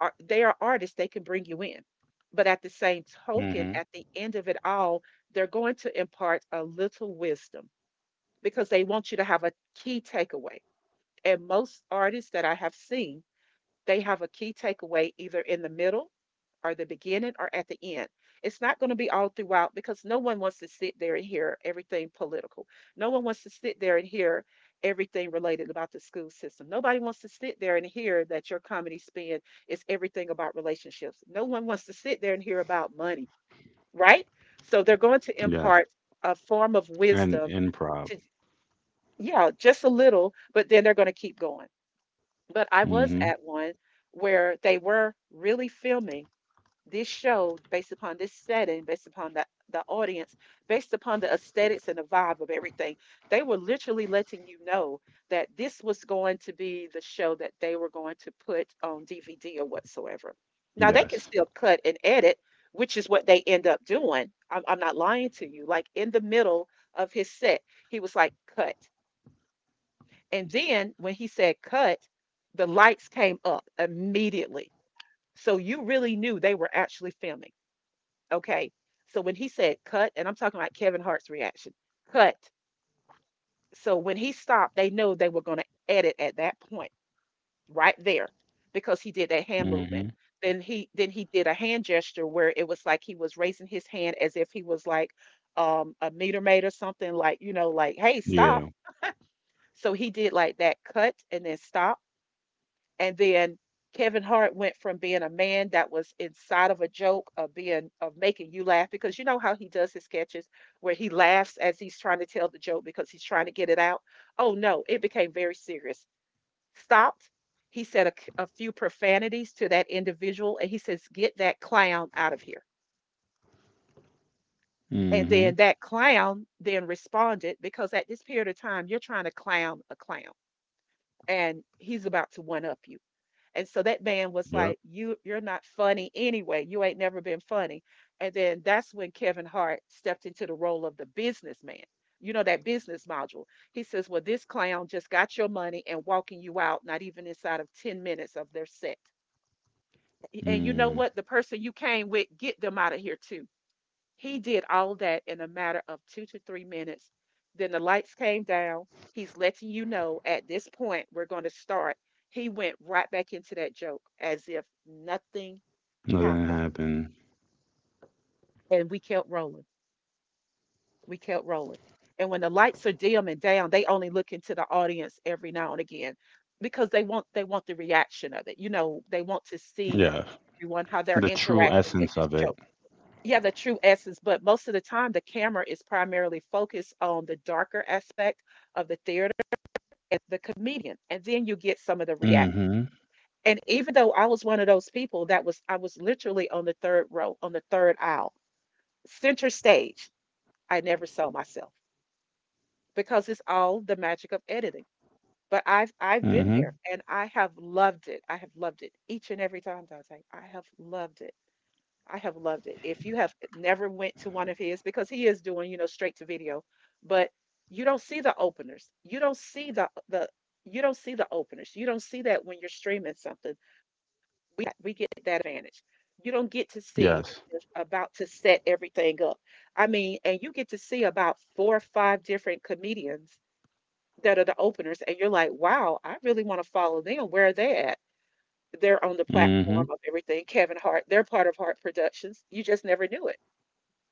[SPEAKER 1] They are artists, they can bring you in. But at the same
[SPEAKER 2] Mm hmm.
[SPEAKER 1] token, at the end of it all, they're going to impart a little wisdom, because they want you to have a key takeaway. And most artists that I have seen, they have a key takeaway either in the middle or the beginning or at the end. It's not going to be all throughout, because no one wants to sit there and hear everything political. No one wants to sit there and hear everything related about the school system. Nobody wants to sit there and hear that your comedy spin is everything about relationships. No one wants to sit there and hear about money, right? So they're going to
[SPEAKER 2] Yes.
[SPEAKER 1] impart a form of
[SPEAKER 2] And
[SPEAKER 1] wisdom,
[SPEAKER 2] improv.
[SPEAKER 1] to, yeah, just a little, but then they're going to keep going. But
[SPEAKER 2] Mm
[SPEAKER 1] I
[SPEAKER 2] hmm.
[SPEAKER 1] was at one where they were really filming this show based upon this setting, based upon the audience, based upon the aesthetics and the vibe of everything. They were literally letting you know that this was going to be the show that they were going to put on DVD or whatsoever. Now, they
[SPEAKER 2] Yes.
[SPEAKER 1] can still cut and edit, which is what they end up doing. I'm not lying to you. Like in the middle of his set, he was like, cut. And then when he said cut, the lights came up immediately. So you really knew they were actually filming. Okay. So when he said cut, and I'm talking about Kevin Hart's reaction, cut. So when he stopped, they know they were going to edit at that point, right there, because he did that
[SPEAKER 2] Mm
[SPEAKER 1] hand
[SPEAKER 2] hmm.
[SPEAKER 1] movement. Then he did a hand gesture where it was like he was raising his hand as if he was like, a meter maid or something, like, you know, like, hey,
[SPEAKER 2] Yeah.
[SPEAKER 1] stop. So he did like that cut and then stop. And then Kevin Hart went from being a man that was inside of a joke, of being, of making you laugh, because you know how he does his sketches where he laughs as he's trying to tell the joke because he's trying to get it out. Oh no, it became very serious. Stopped. He said a few profanities to that individual and he says, "Get that clown out of here."
[SPEAKER 2] Mm
[SPEAKER 1] And
[SPEAKER 2] hmm.
[SPEAKER 1] then that clown then responded, because at this period of time you're trying to clown a clown and he's about to one up you. And so that man was
[SPEAKER 2] Yep.
[SPEAKER 1] like, "You're not funny anyway. You ain't never been funny." And then that's when Kevin Hart stepped into the role of the businessman. You know, that business module. He says, "Well, this clown just got your money and walking you out not even inside of 10 minutes of their set." And you
[SPEAKER 2] Mm.
[SPEAKER 1] know what? The person you came with, get them out of here too. He did all that in a matter of 2 to 3 minutes. Then the lights came down. He's letting you know at this point we're going to start. He went right back into that joke as if nothing
[SPEAKER 2] Nothing
[SPEAKER 1] happened.
[SPEAKER 2] happened.
[SPEAKER 1] And we kept rolling. We kept rolling. And when the lights are dim and down, they only look into the audience every now and again, because they want the reaction of it. You know, they want to see
[SPEAKER 2] Yes.
[SPEAKER 1] everyone, how they're
[SPEAKER 2] The true
[SPEAKER 1] interacting with
[SPEAKER 2] essence
[SPEAKER 1] this
[SPEAKER 2] of it.
[SPEAKER 1] joke. Yeah, the true essence, but most of the time the camera is primarily focused on the darker aspect of the theater and the comedian, and then you get some of the react.
[SPEAKER 2] Mm-hmm.
[SPEAKER 1] And even though I was one of those people I was literally on the third row, on the third aisle, center stage. I never saw myself, because it's all the magic of editing. But I've
[SPEAKER 2] Mm-hmm.
[SPEAKER 1] been there and I have loved it. I have loved it each and every time, Dante. I have loved it. I have loved it. If you have never went to one of his, because he is doing, you know, straight to video, but you don't see the openers. You don't see the you don't see the openers. You don't see that when you're streaming something. We get that advantage. You don't get to see
[SPEAKER 2] Yes.
[SPEAKER 1] about to set everything up. I mean, and you get to see about four or five different comedians that are the openers, and you're like, wow, I really want to follow them. Where are they at? They're on the
[SPEAKER 2] Mm-hmm.
[SPEAKER 1] platform of everything. Kevin Hart, they're part of Hart Productions. You just never knew it,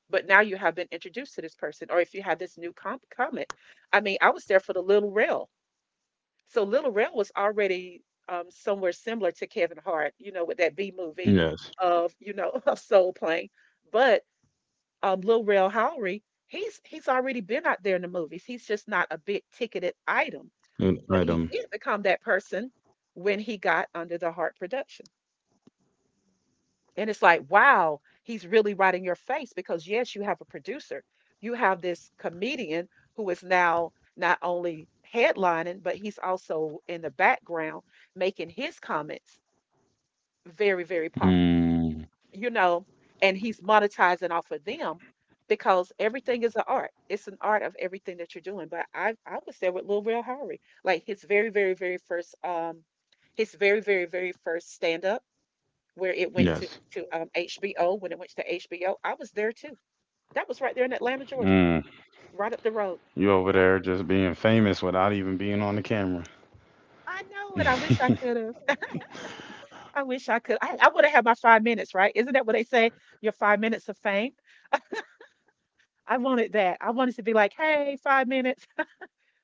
[SPEAKER 1] but now you have been introduced to this person. Or if you had this new comment, I mean I was there for the little rail. So little rail was already somewhere similar to Kevin Hart, you know, with that B movie
[SPEAKER 2] Yes.
[SPEAKER 1] of you know, of soul playing. But little rail Howery, he's already been out there in the movies. He's just not a big ticketed item,
[SPEAKER 2] An
[SPEAKER 1] but he
[SPEAKER 2] item.
[SPEAKER 1] did become that person when he got under the Hart production. And it's like, wow, he's really right in your face because, yes, you have a producer. You have this comedian who is now not only headlining, but he's also in the background making his comments very, very pop,
[SPEAKER 2] Mm.
[SPEAKER 1] you know, and he's monetizing off of them because everything is an art. It's an art of everything that you're doing. But I was there with Lil Rel Howery, like his very, very, very first, his very, very, very first stand up, where it went to,
[SPEAKER 2] Yes.
[SPEAKER 1] HBO. When it went to HBO, I was there too. That was right there in Atlanta, Georgia,
[SPEAKER 2] Mm.
[SPEAKER 1] right up the road.
[SPEAKER 2] You over there just being famous without even being on the camera.
[SPEAKER 1] I know it. I wish I could have. I wish I could. I would have had my 5 minutes, right? Isn't that what they say? Your 5 minutes of fame. I wanted that. I wanted to be like, hey, 5 minutes.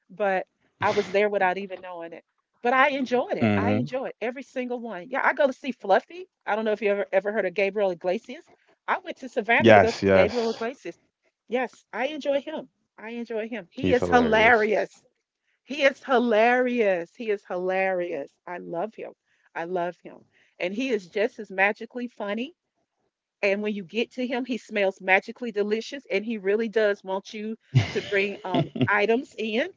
[SPEAKER 1] But I was there without even knowing it. But I enjoyed it. I
[SPEAKER 2] Mm-hmm.
[SPEAKER 1] enjoyed every single one. Yeah, I go to see Fluffy. I don't know if you ever heard of Gabriel Iglesias. I went to Savannah to go
[SPEAKER 2] Yes,
[SPEAKER 1] see Gabriel
[SPEAKER 2] yes.
[SPEAKER 1] Iglesias. Yes, I enjoy him. I enjoy him. He
[SPEAKER 2] He's
[SPEAKER 1] is
[SPEAKER 2] hilarious.
[SPEAKER 1] hilarious. He is hilarious. He is hilarious. I love him. I love him. And he is just as magically funny. And when you get to him, he smells magically delicious. And he really does want you to bring
[SPEAKER 2] I'm
[SPEAKER 1] items in.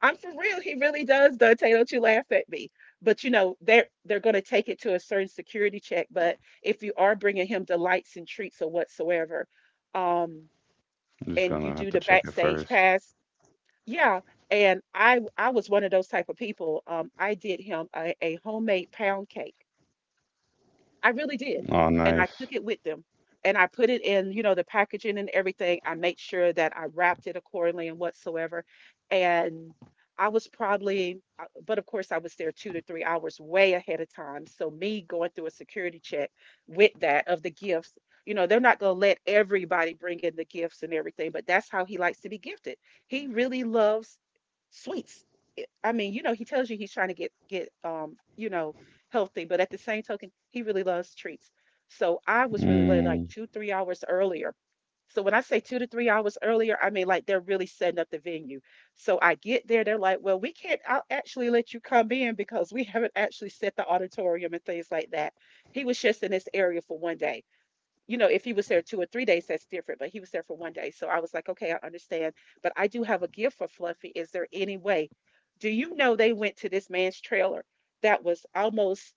[SPEAKER 1] I'm for real. He really does, Dante. Don't you laugh at me. But you know, they're going to take it to a certain security check. But if you are bringing him delights and treats or whatsoever, um,
[SPEAKER 2] just
[SPEAKER 1] and you
[SPEAKER 2] gonna
[SPEAKER 1] do
[SPEAKER 2] have
[SPEAKER 1] the
[SPEAKER 2] to check it
[SPEAKER 1] backstage
[SPEAKER 2] first.
[SPEAKER 1] pass, yeah. And I was one of those type of people. I did him a homemade pound cake. I really did.
[SPEAKER 2] Oh,
[SPEAKER 1] And I took
[SPEAKER 2] nice.
[SPEAKER 1] it with them, and I put it in, you know, the packaging and everything. I made sure that I wrapped it accordingly and whatsoever. And I was probably, but of course, I was there 2 to 3 hours way ahead of time. So, me going through a security check with that of the gifts, you know, they're not going to let everybody bring in the gifts and everything, but that's how he likes to be gifted. He really loves sweets. I mean, you know, he tells you he's trying to get, you know, healthy, but at the same token, he really loves treats. So I was really late, like
[SPEAKER 2] Mm.
[SPEAKER 1] two, 3 hours earlier. So when I say 2 to 3 hours earlier, I mean, like, they're really setting up the venue. So I get there, they're like, well, we can't, I will actually let you come in because we haven't actually set the auditorium and things like that. He was just in this area for one day. You know, if he was there 2 or 3 days, that's different, but he was there for one day. So I was like, okay, I understand. But I do have a gift for Fluffy. Is there any way? Do you know they went to this man's trailer that was almost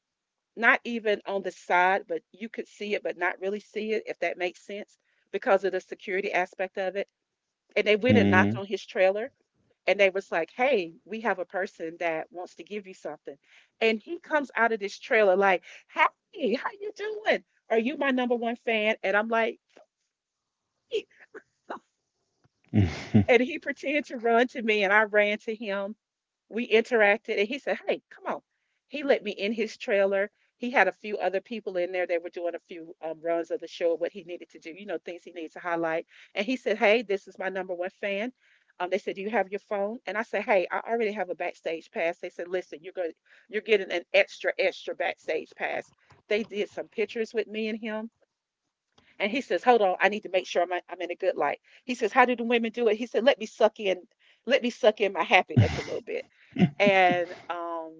[SPEAKER 1] not even on the side, but you could see it, but not really see it, if that makes sense, because of the security aspect of it. And they went and knocked on his trailer, and they was like, "Hey, we have a person that wants to give you something." And he comes out of this trailer like, "Hey, how you doing? Are you my number one fan?" And I'm like, "Yeah."
[SPEAKER 2] Mm-hmm.
[SPEAKER 1] And he pretended to run to me, and I ran to him. We interacted, and he said, "Hey, come on." He let me in his trailer. He had a few other people in there. They were doing a few runs of the show, what he needed to do, you know, things he needs to highlight. And he said, "Hey, this is my number one fan." They said, "Do you have your phone?" And I said, "Hey, I already have a backstage pass." They said, "Listen, you're going, you're getting an extra, extra backstage pass." They did some pictures with me and him. And he says, "Hold on, I need to make sure I'm in a good light." He says, "How do the women do it?" He said, "Let me suck in, let me suck in my happiness a little bit." and um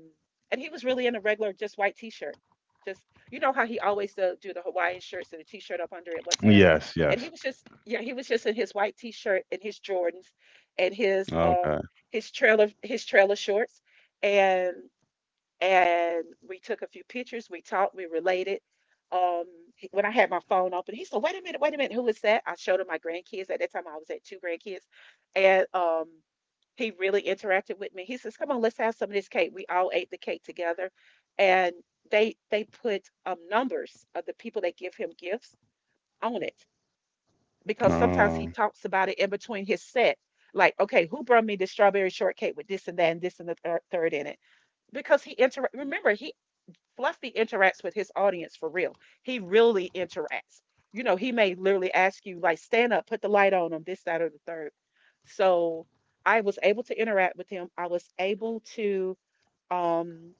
[SPEAKER 1] and he was really in a regular, just white t-shirt, just, you know how he always do, do the Hawaiian shirts and a t-shirt up under it whatsoever.
[SPEAKER 2] Yes,
[SPEAKER 1] And he
[SPEAKER 2] yes.
[SPEAKER 1] was just, yeah, he was just in his white t-shirt and his Jordans and his
[SPEAKER 2] Okay.
[SPEAKER 1] his trailer shorts. and and we took a few pictures, we talked, we related. Um he- when I had my phone open, he said, "Wait a minute, wait a minute, who is that?" I showed him my grandkids. At that time, I was at two grandkids. And he really interacted with me. He says, "Come on, let's have some of this cake." We all ate the cake together, and they put numbers of the people that give him gifts on it because sometimes he
[SPEAKER 2] Oh,
[SPEAKER 1] talks about it in between his set. Like, okay, who brought me the strawberry shortcake with this and that and this and the third in it? Because he inter remember he Fluffy interacts with his audience for real. He really interacts. You know, he may literally ask you, like, stand up, put the light on him, this, that, or the third. So I was able to interact with him. I was able to um,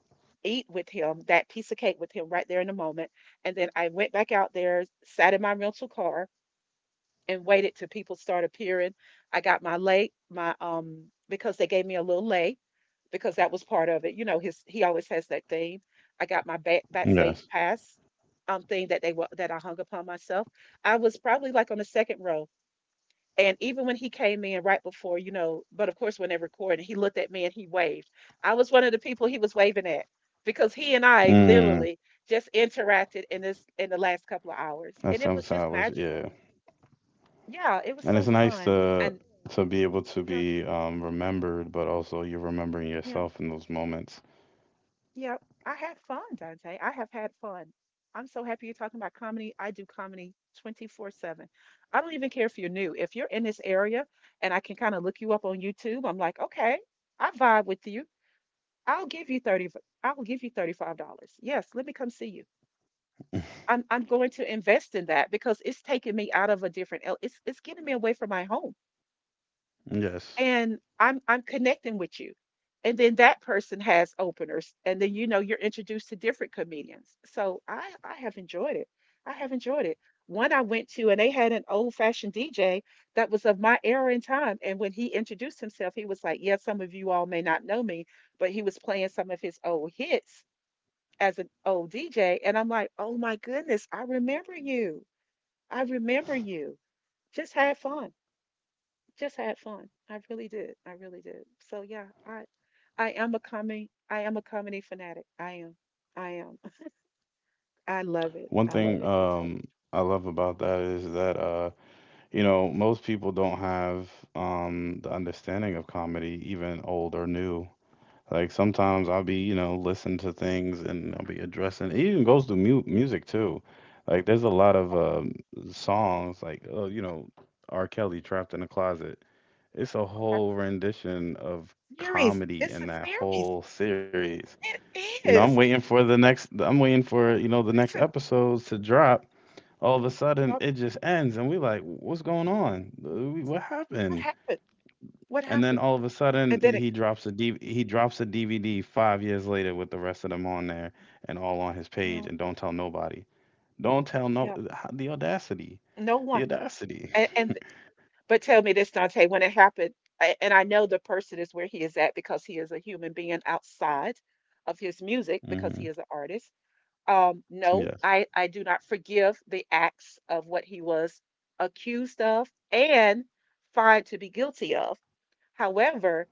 [SPEAKER 1] eat with him, that piece of cake with him right there in the moment. And then I went back out there, sat in my rental car, and waited till people started appearing. I got my lay, my because they gave me a little lay, because that was part of it. You know, his, he always has that theme. I got my
[SPEAKER 2] yes.
[SPEAKER 1] backstage pass thing that they that I hung upon myself. I was probably like on the second row. And even when he came in right before, you know, but of course when they recorded, he looked at me and he waved. I was one of the people he was waving at, because he and I
[SPEAKER 2] Mm.
[SPEAKER 1] literally just interacted in this in the last couple of hours.
[SPEAKER 2] That
[SPEAKER 1] And it
[SPEAKER 2] seven
[SPEAKER 1] was just
[SPEAKER 2] hours,
[SPEAKER 1] magical.
[SPEAKER 2] yeah.
[SPEAKER 1] Yeah, it was
[SPEAKER 2] And
[SPEAKER 1] so
[SPEAKER 2] it's nice
[SPEAKER 1] fun.
[SPEAKER 2] to
[SPEAKER 1] And
[SPEAKER 2] to be able to
[SPEAKER 1] yeah,
[SPEAKER 2] be, remembered, but also you're remembering
[SPEAKER 1] yeah.
[SPEAKER 2] yourself in those moments.
[SPEAKER 1] Yeah, I had fun, Dante. I have had fun. I'm so happy you're talking about comedy. I do comedy 24/7. I don't even care if you're new. If you're in this area and I can kind of look you up on YouTube, I'm like, okay, I vibe with you. I'll give you 30, I'll give you $35. Yes, let me come see you. I'm going to invest in that because it's taking me out of a different, it's getting me away from my home.
[SPEAKER 2] Yes.
[SPEAKER 1] And I'm connecting with you. And then that person has openers, and then you know you're introduced to different comedians. So I have enjoyed it. I have enjoyed it. One I went to, and they had an old fashioned DJ that was of my era and time. And when he introduced himself, he was like, "Yeah, some of you all may not know me, but he was playing some of his old hits as an old DJ." And I'm like, "Oh my goodness, I remember you. I remember you. Just had fun." Just had fun. I really did. I really did. So yeah, I am a comedy fanatic. I am. I am. I love it.
[SPEAKER 2] One
[SPEAKER 1] I
[SPEAKER 2] thing,
[SPEAKER 1] love it. Okay.
[SPEAKER 2] I love about that is that, you know, most people don't have, the understanding of comedy, even old or new. Like sometimes I'll be you know listening to things and I'll be addressing. It even goes to mu music too. Like there's a lot of, songs like, oh, you know, R. Kelly trapped in a closet, it's a
[SPEAKER 1] Okay.
[SPEAKER 2] whole rendition of
[SPEAKER 1] Series.
[SPEAKER 2] comedy
[SPEAKER 1] It's
[SPEAKER 2] in
[SPEAKER 1] a
[SPEAKER 2] that
[SPEAKER 1] series.
[SPEAKER 2] whole series.
[SPEAKER 1] It
[SPEAKER 2] You know,
[SPEAKER 1] is.
[SPEAKER 2] I'm waiting for, you know, the
[SPEAKER 1] Me
[SPEAKER 2] next
[SPEAKER 1] too.
[SPEAKER 2] episodes to drop. All of a sudden
[SPEAKER 1] Yep.
[SPEAKER 2] it just ends and we like, what's going on? What
[SPEAKER 1] What
[SPEAKER 2] happened?
[SPEAKER 1] happened? What
[SPEAKER 2] And then
[SPEAKER 1] happened?
[SPEAKER 2] all of a sudden
[SPEAKER 1] And then it,
[SPEAKER 2] he drops a DVD 5 years later with the rest of them on there and all on his page
[SPEAKER 1] yeah,
[SPEAKER 2] and don't tell nobody. Don't tell no
[SPEAKER 1] yeah.
[SPEAKER 2] The audacity.
[SPEAKER 1] No
[SPEAKER 2] The
[SPEAKER 1] one.
[SPEAKER 2] audacity.
[SPEAKER 1] And, and but tell me this, Dante, when it happened, and I know the person is where he is at because he is a human being outside of his music, because
[SPEAKER 2] Mhm.
[SPEAKER 1] he is an artist. No,
[SPEAKER 2] Yes.
[SPEAKER 1] I do not forgive the acts of what he was accused of and find to be guilty of. However,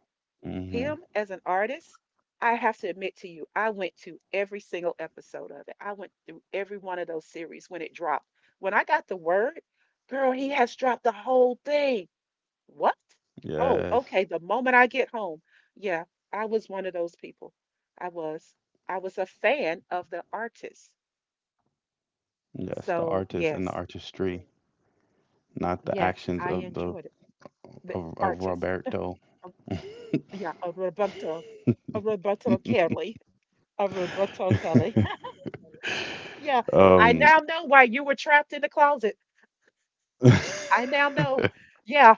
[SPEAKER 1] him
[SPEAKER 2] Mhm.
[SPEAKER 1] as an artist, I have to admit to you, I went to every single episode of it. I went through every one of those series when it dropped. When I got the word, girl, he has dropped the whole thing. What? Oh,
[SPEAKER 2] Yes.
[SPEAKER 1] okay. The moment I get home. Yeah, I was one of those people. I was. I was a fan of the artist.
[SPEAKER 2] Yes, the
[SPEAKER 1] So
[SPEAKER 2] artist and the
[SPEAKER 1] yes,
[SPEAKER 2] artistry, not the
[SPEAKER 1] yes,
[SPEAKER 2] actions
[SPEAKER 1] I
[SPEAKER 2] of the
[SPEAKER 1] enjoyed it. The
[SPEAKER 2] of, of
[SPEAKER 1] artist,
[SPEAKER 2] Roberto.
[SPEAKER 1] um, yeah, a Roberto Kelly, a Roberto Kelly. Yeah, I
[SPEAKER 2] Um,
[SPEAKER 1] now know why you were trapped in the closet.
[SPEAKER 2] if
[SPEAKER 1] I now know. Yeah,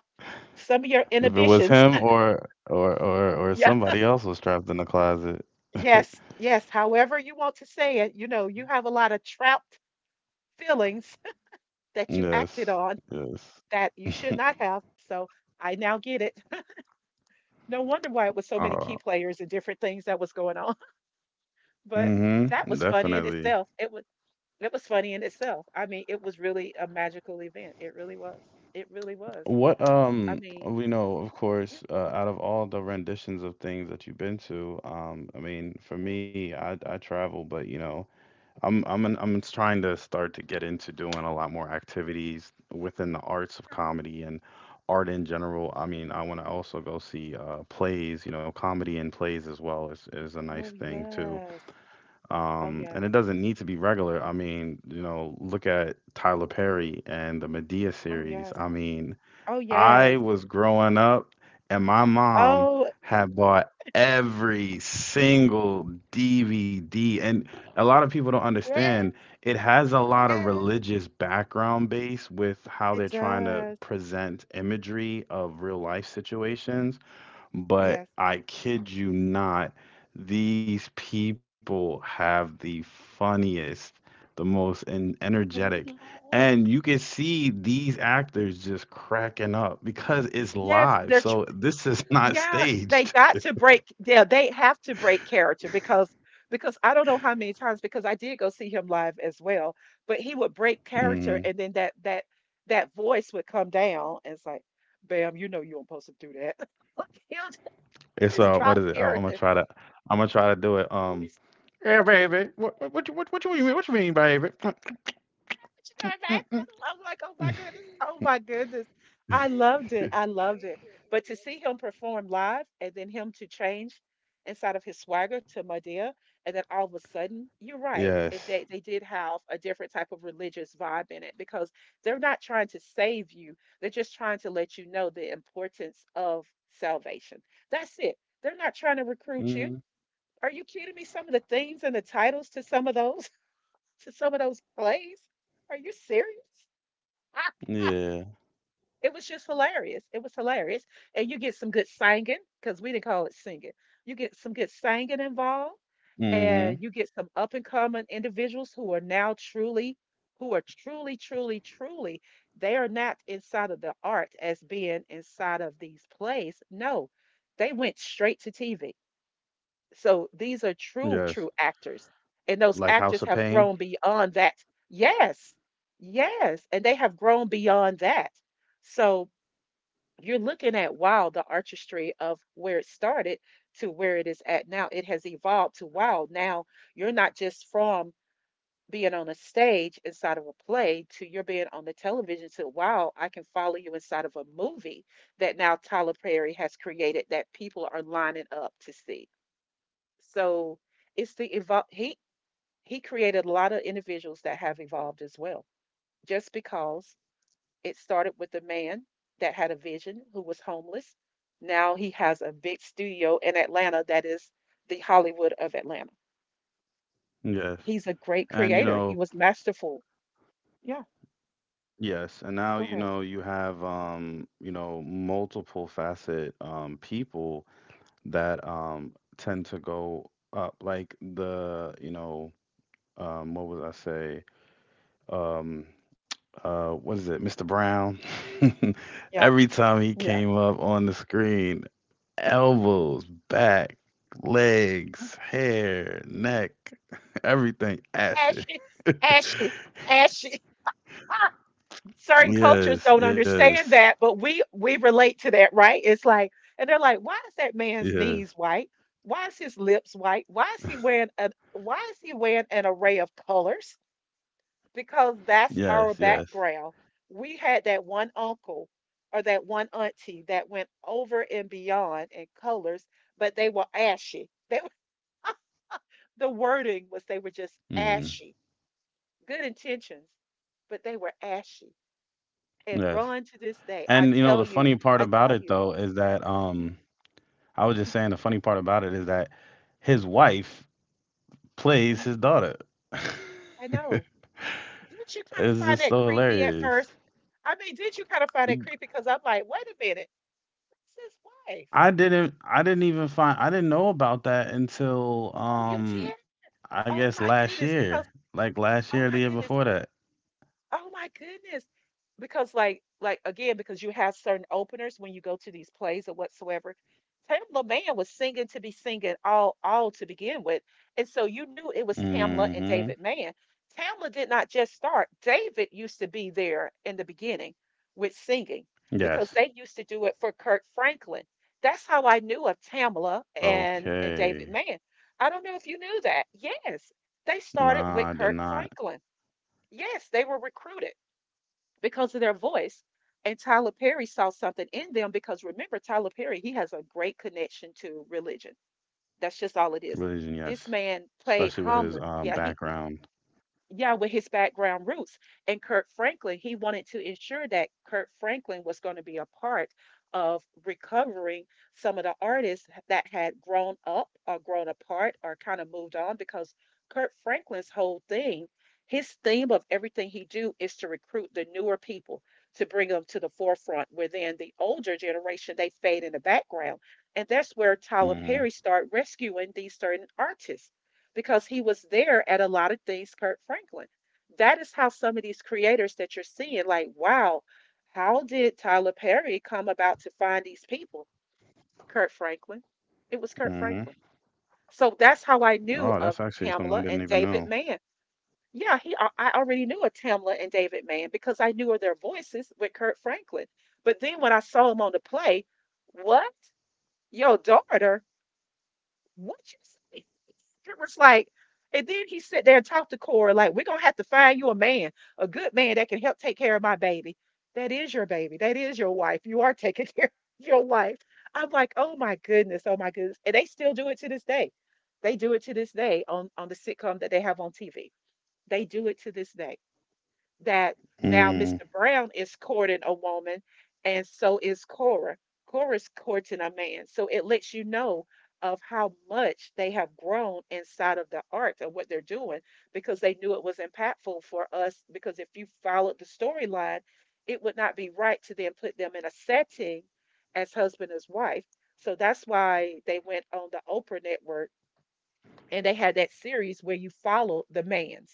[SPEAKER 1] some of your
[SPEAKER 2] it was
[SPEAKER 1] inhibitions.
[SPEAKER 2] him or
[SPEAKER 1] Yeah,
[SPEAKER 2] somebody else was trapped in the closet.
[SPEAKER 1] yes, yes. However you want to say it, you have a lot of trapped feelings that you acted
[SPEAKER 2] Yes,
[SPEAKER 1] on
[SPEAKER 2] yes.
[SPEAKER 1] that you should not have. So I now get it. No wonder why it was so many
[SPEAKER 2] Uh,
[SPEAKER 1] key players and different things that was going on. But that
[SPEAKER 2] mm-hmm,
[SPEAKER 1] was funny in
[SPEAKER 2] definitely.
[SPEAKER 1] itself. It was funny in itself. I mean, it was really a magical event. It really was. It really was.
[SPEAKER 2] What,
[SPEAKER 1] I mean,
[SPEAKER 2] we know, of
[SPEAKER 1] yeah.
[SPEAKER 2] course, out of all the renditions of things that you've been to, I mean, for
[SPEAKER 1] oh
[SPEAKER 2] me, I travel, but you know. I'm trying to start to get into doing a lot more activities within the arts of comedy and art in general. I mean, I want to also go see, plays. You know, comedy and plays as well is a nice
[SPEAKER 1] oh,
[SPEAKER 2] thing too.
[SPEAKER 1] yes. Oh
[SPEAKER 2] And it
[SPEAKER 1] yes.
[SPEAKER 2] doesn't need to be regular. I mean, you know, look at Tyler Perry and the Medea
[SPEAKER 1] Oh
[SPEAKER 2] series.
[SPEAKER 1] yes.
[SPEAKER 2] I mean,
[SPEAKER 1] Oh
[SPEAKER 2] I
[SPEAKER 1] yes.
[SPEAKER 2] was growing up and my mom
[SPEAKER 1] Oh
[SPEAKER 2] had bought every single DVD. And a lot of people don't
[SPEAKER 1] yes.
[SPEAKER 2] understand it has a lot of
[SPEAKER 1] Yes.
[SPEAKER 2] religious background base with how
[SPEAKER 1] It
[SPEAKER 2] they're trying to
[SPEAKER 1] does.
[SPEAKER 2] present imagery of real life
[SPEAKER 1] Yeah.
[SPEAKER 2] situations. But
[SPEAKER 1] Yes.
[SPEAKER 2] I kid you not, these people have the funniest, the most
[SPEAKER 1] Oh,
[SPEAKER 2] energetic.
[SPEAKER 1] no.
[SPEAKER 2] And you can see these actors just cracking up because it's
[SPEAKER 1] Yes,
[SPEAKER 2] live. So this is not
[SPEAKER 1] yeah, they
[SPEAKER 2] staged.
[SPEAKER 1] got to break yeah, they have to break character because I don't know how many times, because I did go see him live as well, but he would break character,
[SPEAKER 2] hmm
[SPEAKER 1] and then that that voice would come down and it's like, "Bam, you know you don't supposed to do that." Like he'll
[SPEAKER 2] It's,
[SPEAKER 1] just
[SPEAKER 2] what
[SPEAKER 1] drop
[SPEAKER 2] is it?
[SPEAKER 1] character.
[SPEAKER 2] I'm gonna try to do it. Yeah, baby. What you mean? What you mean, baby?
[SPEAKER 1] But you know,
[SPEAKER 2] Mm,
[SPEAKER 1] man,
[SPEAKER 2] mm,
[SPEAKER 1] I'm like, oh my goodness, oh my goodness. I loved it.
[SPEAKER 2] mm.
[SPEAKER 1] I loved it. But to see him perform live and then him to change inside of his swagger to Madea, and then all of a sudden, you're right. It,
[SPEAKER 2] Yes.
[SPEAKER 1] they did have a different type of religious vibe in it because they're not trying to save you. They're just trying to let you know the importance of salvation. That's it. They're not trying to recruit you.
[SPEAKER 2] hmm
[SPEAKER 1] Are you kidding me? Some of the themes and the titles to some of those plays. Are you serious?
[SPEAKER 2] Yeah.
[SPEAKER 1] It was just hilarious. It was hilarious. And you get some good singing, because we didn't call it singing. You get some good singing involved, and you
[SPEAKER 2] hmm
[SPEAKER 1] get some up and coming individuals who are now truly, who are truly, truly, truly, they are not inside of the art as being inside of these plays. No, they went straight to TV, so these are true, true
[SPEAKER 2] Yes.
[SPEAKER 1] actors. And those
[SPEAKER 2] Like
[SPEAKER 1] actors
[SPEAKER 2] House
[SPEAKER 1] have
[SPEAKER 2] of
[SPEAKER 1] grown
[SPEAKER 2] Pain.
[SPEAKER 1] beyond that. Yes, yes. And they have grown beyond that. So you're looking at, wow, the artistry of where it started to where it is at now. It has evolved to, wow, now you're not just from being on a stage inside of a play to you're being on the television to, wow, I can follow you inside of a movie that now Tyler Perry has created that people are lining up to see. So it's the evolve. He created a lot of individuals that have evolved as well, just because it started with a man that had a vision who was homeless. Now he has a big studio in Atlanta that is the Hollywood of Atlanta.
[SPEAKER 2] Yes.
[SPEAKER 1] He's a great
[SPEAKER 2] And you
[SPEAKER 1] creator. He
[SPEAKER 2] know,
[SPEAKER 1] was masterful. Yeah,
[SPEAKER 2] yes. And now,
[SPEAKER 1] go
[SPEAKER 2] you
[SPEAKER 1] ahead.
[SPEAKER 2] know, you have, you know, multiple facet, people that tend to go up like the, you know, what would I say? Um what is it? Mr. Brown.
[SPEAKER 1] Yeah,
[SPEAKER 2] Every time he
[SPEAKER 1] yeah.
[SPEAKER 2] came up on the screen, elbows, back, legs, hair, neck, everything
[SPEAKER 1] Mm-hmm.
[SPEAKER 2] ashy.
[SPEAKER 1] Ashy, ashy, ashy. Certain cultures
[SPEAKER 2] Yes,
[SPEAKER 1] don't
[SPEAKER 2] yes,
[SPEAKER 1] understand that, but we relate to that, right? It's like, and they're like, why is that man's
[SPEAKER 2] yes,
[SPEAKER 1] knees white? Why is his lips white? Why is he wearing a why is he wearing an array of colors? Because that's
[SPEAKER 2] yes,
[SPEAKER 1] our
[SPEAKER 2] yes.
[SPEAKER 1] background. We had that one uncle or that one auntie that went over and beyond in colors, but they were ashy. They were- the wording
[SPEAKER 2] Mm,
[SPEAKER 1] was they were just ashy. Good intentions, but they were ashy
[SPEAKER 2] yes.
[SPEAKER 1] and run to
[SPEAKER 2] And you
[SPEAKER 1] this
[SPEAKER 2] know, the
[SPEAKER 1] day. I
[SPEAKER 2] funny part
[SPEAKER 1] tell you,
[SPEAKER 2] about it
[SPEAKER 1] I
[SPEAKER 2] though
[SPEAKER 1] tell
[SPEAKER 2] is
[SPEAKER 1] you.
[SPEAKER 2] that,
[SPEAKER 1] Mhm,
[SPEAKER 2] I was just saying the
[SPEAKER 1] mhm,
[SPEAKER 2] funny part about it is that his wife plays
[SPEAKER 1] mhm.
[SPEAKER 2] his daughter.
[SPEAKER 1] I know. Didn't you kind of
[SPEAKER 2] It's
[SPEAKER 1] find
[SPEAKER 2] just
[SPEAKER 1] that
[SPEAKER 2] so
[SPEAKER 1] creepy at
[SPEAKER 2] hilarious.
[SPEAKER 1] first? I mean, did you kind of find it creepy? Because I'm like, wait a minute, that's his wife.
[SPEAKER 2] I didn't know about that until,
[SPEAKER 1] Oh, you did?
[SPEAKER 2] I
[SPEAKER 1] Oh
[SPEAKER 2] guess
[SPEAKER 1] my
[SPEAKER 2] last
[SPEAKER 1] goodness, because
[SPEAKER 2] year. Like last
[SPEAKER 1] oh
[SPEAKER 2] year, the
[SPEAKER 1] my
[SPEAKER 2] year
[SPEAKER 1] goodness,
[SPEAKER 2] before that.
[SPEAKER 1] oh my goodness. Because like again, because you have certain openers when you go to these plays or whatsoever. Tamla Mann was singing to be singing all to begin with. And so you knew it was Tamla and
[SPEAKER 2] Mm-hmm.
[SPEAKER 1] David Mann. Tamla did not just start. David used to be there in the beginning with singing because
[SPEAKER 2] Yes.
[SPEAKER 1] they used to do it for Kirk Franklin. That's how I knew of Tamla and David
[SPEAKER 2] Okay.
[SPEAKER 1] Mann. I don't know if you knew that. Yes. They started with
[SPEAKER 2] Nah, I did
[SPEAKER 1] Kirk
[SPEAKER 2] not.
[SPEAKER 1] Franklin. Yes, they were recruited because of their voice. And Tyler Perry saw something in them because remember, Tyler Perry, he has a great connection to religion. That's just all it is.
[SPEAKER 2] Religion,
[SPEAKER 1] This
[SPEAKER 2] yes.
[SPEAKER 1] man played
[SPEAKER 2] Especially with his,
[SPEAKER 1] hum. Yeah, he
[SPEAKER 2] background.
[SPEAKER 1] yeah, with his background roots. And Kurt Franklin, he wanted to ensure that Kurt Franklin was going to be a part of recovering some of the artists that had grown up or grown apart or kind of moved on because Kurt Franklin's whole thing, his theme of everything he do is to recruit the newer people to bring them to the forefront where then the older generation they fade in the background. And that's where Tyler
[SPEAKER 2] hmm
[SPEAKER 1] Perry started rescuing these certain artists because he was there at a lot of things Kurt Franklin. That is how some of these creators that you're seeing, like, wow, how did Tyler Perry come about to find these people? Kurt Franklin. It was
[SPEAKER 2] hmm
[SPEAKER 1] Kurt Franklin. So that's how I
[SPEAKER 2] Oh, that's
[SPEAKER 1] knew of
[SPEAKER 2] actually something I didn't
[SPEAKER 1] Tamla and
[SPEAKER 2] even know.
[SPEAKER 1] David Mann. Yeah, he I already knew of Tamla and David Mann because I knew of their voices with Kurt Franklin. But then when I saw him on the play, what? Your daughter? What you say? It was like, and then he sat there and talked to Cora, like, we're gonna have to find you a man, a good man that can help take care of my baby. That is your baby. That is your wife. You are taking care of your wife. I'm like, oh my goodness, oh my goodness. And they still do it to this day. They do it to this day on the sitcom that they have on TV. They do it to this day that now Mr.
[SPEAKER 2] Mm,
[SPEAKER 1] Brown is courting a woman, and so is Cora. Cora's courting a man. So it lets you know of how much they have grown inside of the arts and what they're doing because they knew it was impactful for us. Because if you followed the storyline, it would not be right to then put them in a setting as husband as wife. So that's why they went on the Oprah network and they had that series where you followed the man,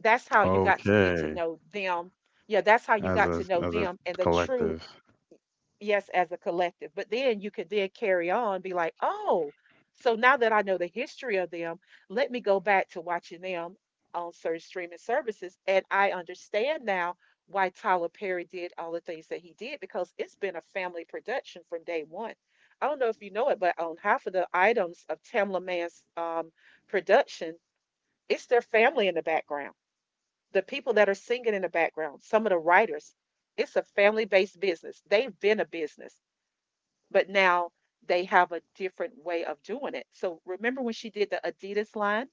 [SPEAKER 1] that's how you got to get to
[SPEAKER 2] okay.
[SPEAKER 1] know them. Yeah, that's how you got to
[SPEAKER 2] As a
[SPEAKER 1] know
[SPEAKER 2] as
[SPEAKER 1] them
[SPEAKER 2] a
[SPEAKER 1] and the truth,
[SPEAKER 2] collective.
[SPEAKER 1] yes as a collective. But then you could then carry on, be like, oh, so now that I know the history of them, let me go back to watching them on certain streaming services. And I understand now why Tyler Perry did all the things that he did because it's been a family production from day one. I don't know if you know it, but on half of the items of Tamla Man's production, it's their family in the background, the people that are singing in the background, some of the writers, it's a family based business. They've been a business, but now they have a different way of doing it. So remember when she did the Adidas line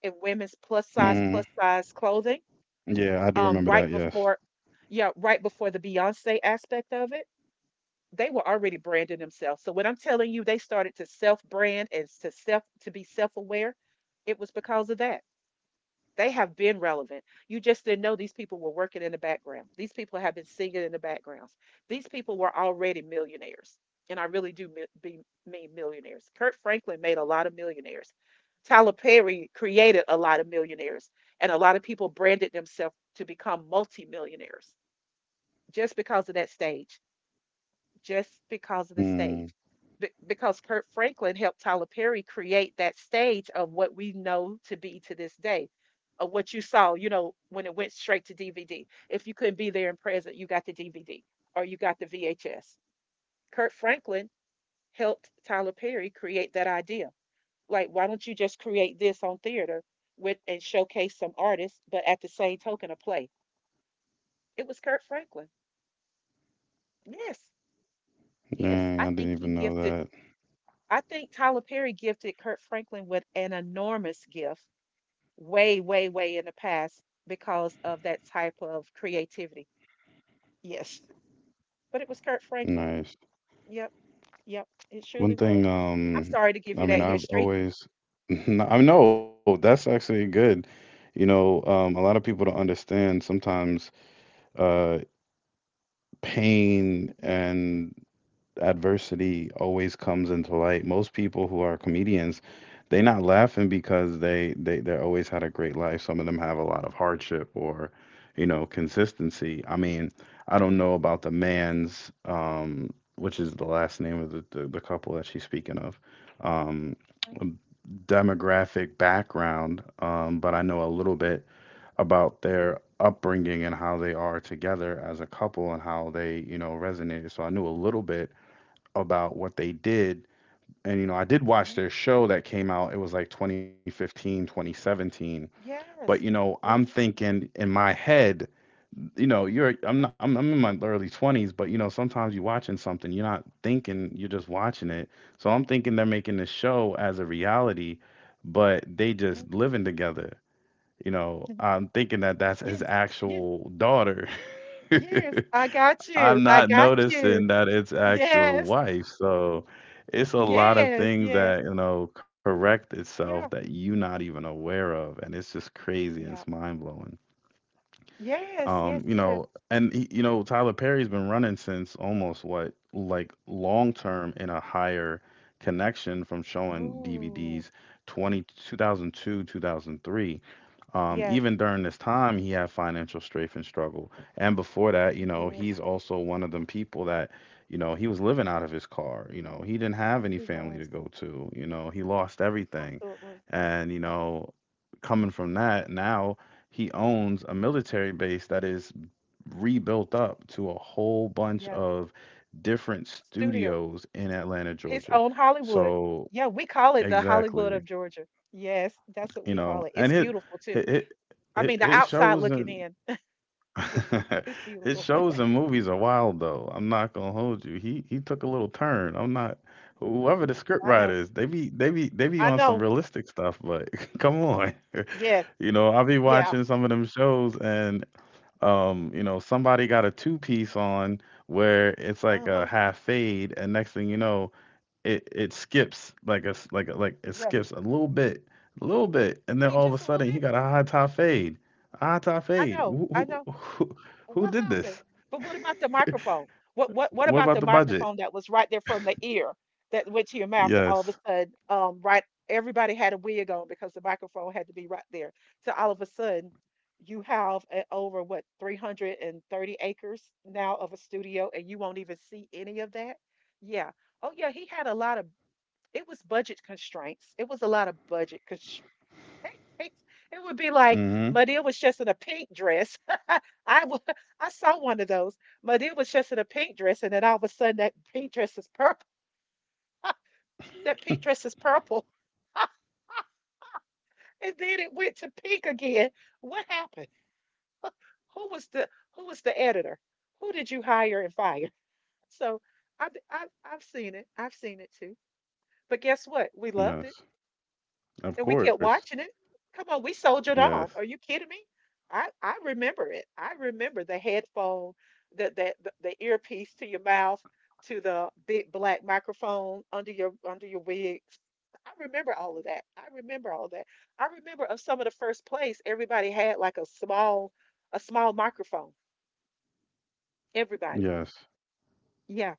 [SPEAKER 1] in women's
[SPEAKER 2] Mm,
[SPEAKER 1] plus size clothing,
[SPEAKER 2] yeah, I do remember
[SPEAKER 1] right
[SPEAKER 2] that, yes.
[SPEAKER 1] before, yeah, right before the Beyonce aspect of it? They were already branding themselves. So when I'm telling you, they started to self brand and to self to be self aware. It was because of that. They have been relevant. You just didn't know these people were working in the background. These people have been singing in the backgrounds. These people were already millionaires. And I really do mean millionaires. Kurt Franklin made a lot of millionaires. Tyler Perry created a lot of millionaires. And a lot of people branded themselves to become multimillionaires just because of that stage just because of the stage.
[SPEAKER 2] Mm,
[SPEAKER 1] Be- because Kurt Franklin helped Tyler Perry create that stage of what we know to be to this day, of what you saw, you know, when it went straight to DVD. If you couldn't be there in present, you got the DVD or you got the VHS. Kurt Franklin helped Tyler Perry create that idea. Like, why don't you just create this on theater with and showcase some artists, but at the same token, a play? It was Kurt Franklin. Yes, yes.
[SPEAKER 2] dang, I didn't even know that.
[SPEAKER 1] I think Tyler Perry gifted Kurt Franklin with an enormous gift way, way, way in the past because of that type of creativity. Yes. But it was Kurt Franklin.
[SPEAKER 2] Nice.
[SPEAKER 1] Yep. Yep. It surely
[SPEAKER 2] One
[SPEAKER 1] was.
[SPEAKER 2] thing,
[SPEAKER 1] I'm sorry to give
[SPEAKER 2] I
[SPEAKER 1] you
[SPEAKER 2] mean,
[SPEAKER 1] that
[SPEAKER 2] I've
[SPEAKER 1] history.
[SPEAKER 2] always, No, I know that's actually good. You know, a lot of people don't understand sometimes, uh, pain and adversity always comes into light. Most people who are comedians, they not laughing because they always had a great life. Some of them have a lot of hardship or, you know, consistency. I mean, I don't know about the man's which is the last name of the couple that she's speaking of. Um,
[SPEAKER 1] Mhm,
[SPEAKER 2] Demographic background, but I know a little bit about their upbringing and how they are together as a couple and how they, you know, resonated. So I knew a little bit about what they did. And, you know, I did watch
[SPEAKER 1] mhm.
[SPEAKER 2] their show that came out. It was like 2015, 2017. But, you
[SPEAKER 1] Yes.
[SPEAKER 2] know, I'm
[SPEAKER 1] Yes.
[SPEAKER 2] thinking in my head, you know, you're, I'm,
[SPEAKER 1] mhm,
[SPEAKER 2] not, I'm in my early 20s, but, you know, sometimes you're watching something, you're not thinking, you're just watching
[SPEAKER 1] mhm,
[SPEAKER 2] it. So I'm thinking they're making this show as a reality, but they
[SPEAKER 1] mhm,
[SPEAKER 2] just living together. You know,
[SPEAKER 1] mhm.
[SPEAKER 2] I'm thinking that's
[SPEAKER 1] Yes.
[SPEAKER 2] his
[SPEAKER 1] Yes.
[SPEAKER 2] actual daughter.
[SPEAKER 1] Yes. I got you.
[SPEAKER 2] I'm
[SPEAKER 1] I
[SPEAKER 2] not
[SPEAKER 1] got you.
[SPEAKER 2] noticing that it's actual
[SPEAKER 1] Yes.
[SPEAKER 2] wife. So it's a lot of
[SPEAKER 1] Yes.
[SPEAKER 2] things
[SPEAKER 1] Yes.
[SPEAKER 2] that, you know, correct itself
[SPEAKER 1] Yeah.
[SPEAKER 2] that you're not even aware of. And it's just crazy.
[SPEAKER 1] Yeah.
[SPEAKER 2] It's mind blowing.
[SPEAKER 1] Yes. Yes.
[SPEAKER 2] You
[SPEAKER 1] Yes.
[SPEAKER 2] know, and you know, Tyler Perry's been running since almost what, like long term in a higher connection from showing
[SPEAKER 1] Oh,
[SPEAKER 2] DVDs 2002, 2003.
[SPEAKER 1] yes.
[SPEAKER 2] Even during this time, he had financial strafe and struggle. And before that, you
[SPEAKER 1] He
[SPEAKER 2] know,
[SPEAKER 1] did.
[SPEAKER 2] he's also one of them people that, you know, he was living out of his car. You know, he didn't have any
[SPEAKER 1] He
[SPEAKER 2] family to
[SPEAKER 1] was
[SPEAKER 2] go to. You know, he lost everything.
[SPEAKER 1] absolutely,
[SPEAKER 2] And, you know, coming from that, now he owns a military base that is rebuilt up to a whole bunch
[SPEAKER 1] yeah.
[SPEAKER 2] of different
[SPEAKER 1] Studio,
[SPEAKER 2] studios in Atlanta,
[SPEAKER 1] his
[SPEAKER 2] Georgia.
[SPEAKER 1] own Hollywood.
[SPEAKER 2] So,
[SPEAKER 1] Yeah, we call it the Hollywood
[SPEAKER 2] exactly,
[SPEAKER 1] of Georgia. Yes, that's what
[SPEAKER 2] you
[SPEAKER 1] we
[SPEAKER 2] know,
[SPEAKER 1] call it.
[SPEAKER 2] and
[SPEAKER 1] It's beautiful too.
[SPEAKER 2] it
[SPEAKER 1] I mean, the
[SPEAKER 2] it
[SPEAKER 1] outside
[SPEAKER 2] shows.
[SPEAKER 1] looking
[SPEAKER 2] And
[SPEAKER 1] in. Yeah, it's
[SPEAKER 2] his
[SPEAKER 1] beautiful.
[SPEAKER 2] shows and movies are wild though. I'm not gonna hold you. He took a little turn. I'm not, whoever the script
[SPEAKER 1] I
[SPEAKER 2] writer
[SPEAKER 1] know.
[SPEAKER 2] is, they be
[SPEAKER 1] I
[SPEAKER 2] on some
[SPEAKER 1] know.
[SPEAKER 2] realistic stuff, but come on.
[SPEAKER 1] Yes.
[SPEAKER 2] You know, I be
[SPEAKER 1] Yeah.
[SPEAKER 2] watching some of them shows and you know, somebody got a two piece on where it's like
[SPEAKER 1] Uh
[SPEAKER 2] a
[SPEAKER 1] huh.
[SPEAKER 2] half fade and next thing you know, it skips like it
[SPEAKER 1] Yes.
[SPEAKER 2] skips a little bit,
[SPEAKER 1] You
[SPEAKER 2] and then
[SPEAKER 1] mean
[SPEAKER 2] all of a
[SPEAKER 1] just a little
[SPEAKER 2] sudden he
[SPEAKER 1] bit?
[SPEAKER 2] got a high top fade, a high top
[SPEAKER 1] I
[SPEAKER 2] fade.
[SPEAKER 1] know. I know.
[SPEAKER 2] Who
[SPEAKER 1] What
[SPEAKER 2] did
[SPEAKER 1] happened?
[SPEAKER 2] this?
[SPEAKER 1] But what about the microphone? What
[SPEAKER 2] What
[SPEAKER 1] about
[SPEAKER 2] about
[SPEAKER 1] the
[SPEAKER 2] the budget?
[SPEAKER 1] microphone that was right there from the ear that went to your mouth to all of a
[SPEAKER 2] Yes.
[SPEAKER 1] sudden, right, everybody had a wig on because the microphone had to be right there. So all of a sudden you have over what 330 acres now of a studio and you won't even see any of that? Yeah. Oh yeah, he had a lot of it was budget constraints. It was a lot of budget constraints. It would be like
[SPEAKER 2] Mm-hmm.
[SPEAKER 1] Madea was just in a pink dress. I wa- I saw one of those, but it was just in a pink dress, and then all of a sudden that pink dress is purple. That pink dress is purple, and then it went to pink again. What happened? Who was the editor? Who did you hire and fire? So I've seen it. I've seen it too. But guess what? We loved it,
[SPEAKER 2] Yes.
[SPEAKER 1] and we
[SPEAKER 2] Of
[SPEAKER 1] kept
[SPEAKER 2] course.
[SPEAKER 1] watching it. Come on, we soldiered on.
[SPEAKER 2] Yes.
[SPEAKER 1] Are you kidding me? I remember it. I remember the headphone, the earpiece to your mouth, to the big black microphone under your wig. I remember all of that. I remember all of that. I remember of some of the first place everybody had like a small microphone. Everybody.
[SPEAKER 2] Yes.
[SPEAKER 1] Yeah,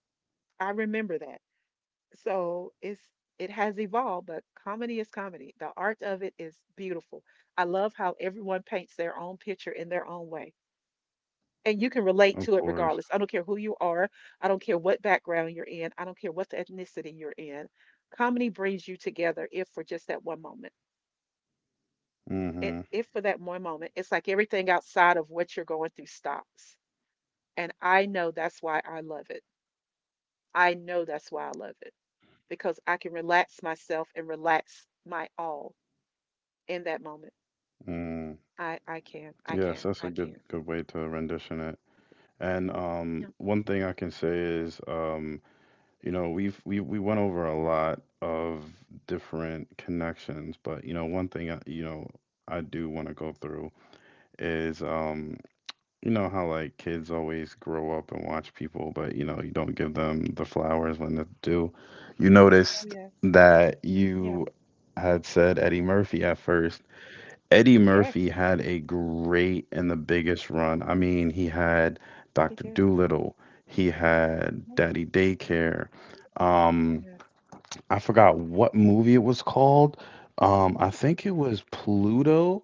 [SPEAKER 1] I remember that. So it has evolved, but comedy is comedy. The art of it is beautiful. I love how everyone paints their own picture in their own way, and you can relate to it
[SPEAKER 2] Of
[SPEAKER 1] regardless. I don't
[SPEAKER 2] course.
[SPEAKER 1] care who you are. I don't care what background you're in. I don't care what the ethnicity you're in. Comedy brings you together if for just that one moment. If
[SPEAKER 2] Mm-hmm.
[SPEAKER 1] for that one moment it's like everything outside of what you're going through stops. And I know that's why I love it. I know that's why I love it, because I can relax myself and relax my all in that moment.
[SPEAKER 2] Mm.
[SPEAKER 1] I can, I
[SPEAKER 2] Yes,
[SPEAKER 1] can,
[SPEAKER 2] that's a
[SPEAKER 1] I
[SPEAKER 2] good
[SPEAKER 1] can.
[SPEAKER 2] good way to rendition it. And
[SPEAKER 1] Yeah.
[SPEAKER 2] one thing I can say is you know, we've we went over a lot of different connections, but you know, one thing I, you know, I do want to go through is you know how like kids always grow up and watch people, but you know, you don't give them the flowers when they're due. You
[SPEAKER 1] Oh,
[SPEAKER 2] noticed
[SPEAKER 1] yes.
[SPEAKER 2] that
[SPEAKER 1] Yep. Yeah.
[SPEAKER 2] you had said Eddie Murphy at first. Eddie
[SPEAKER 1] Yes,
[SPEAKER 2] Murphy had a great and the biggest run. I mean, he had
[SPEAKER 1] he
[SPEAKER 2] Dr.
[SPEAKER 1] did.
[SPEAKER 2] Dolittle, he had
[SPEAKER 1] Hmm.
[SPEAKER 2] Daddy Daycare. Um,
[SPEAKER 1] Yes.
[SPEAKER 2] I forgot what movie it was called. I think it was Pluto,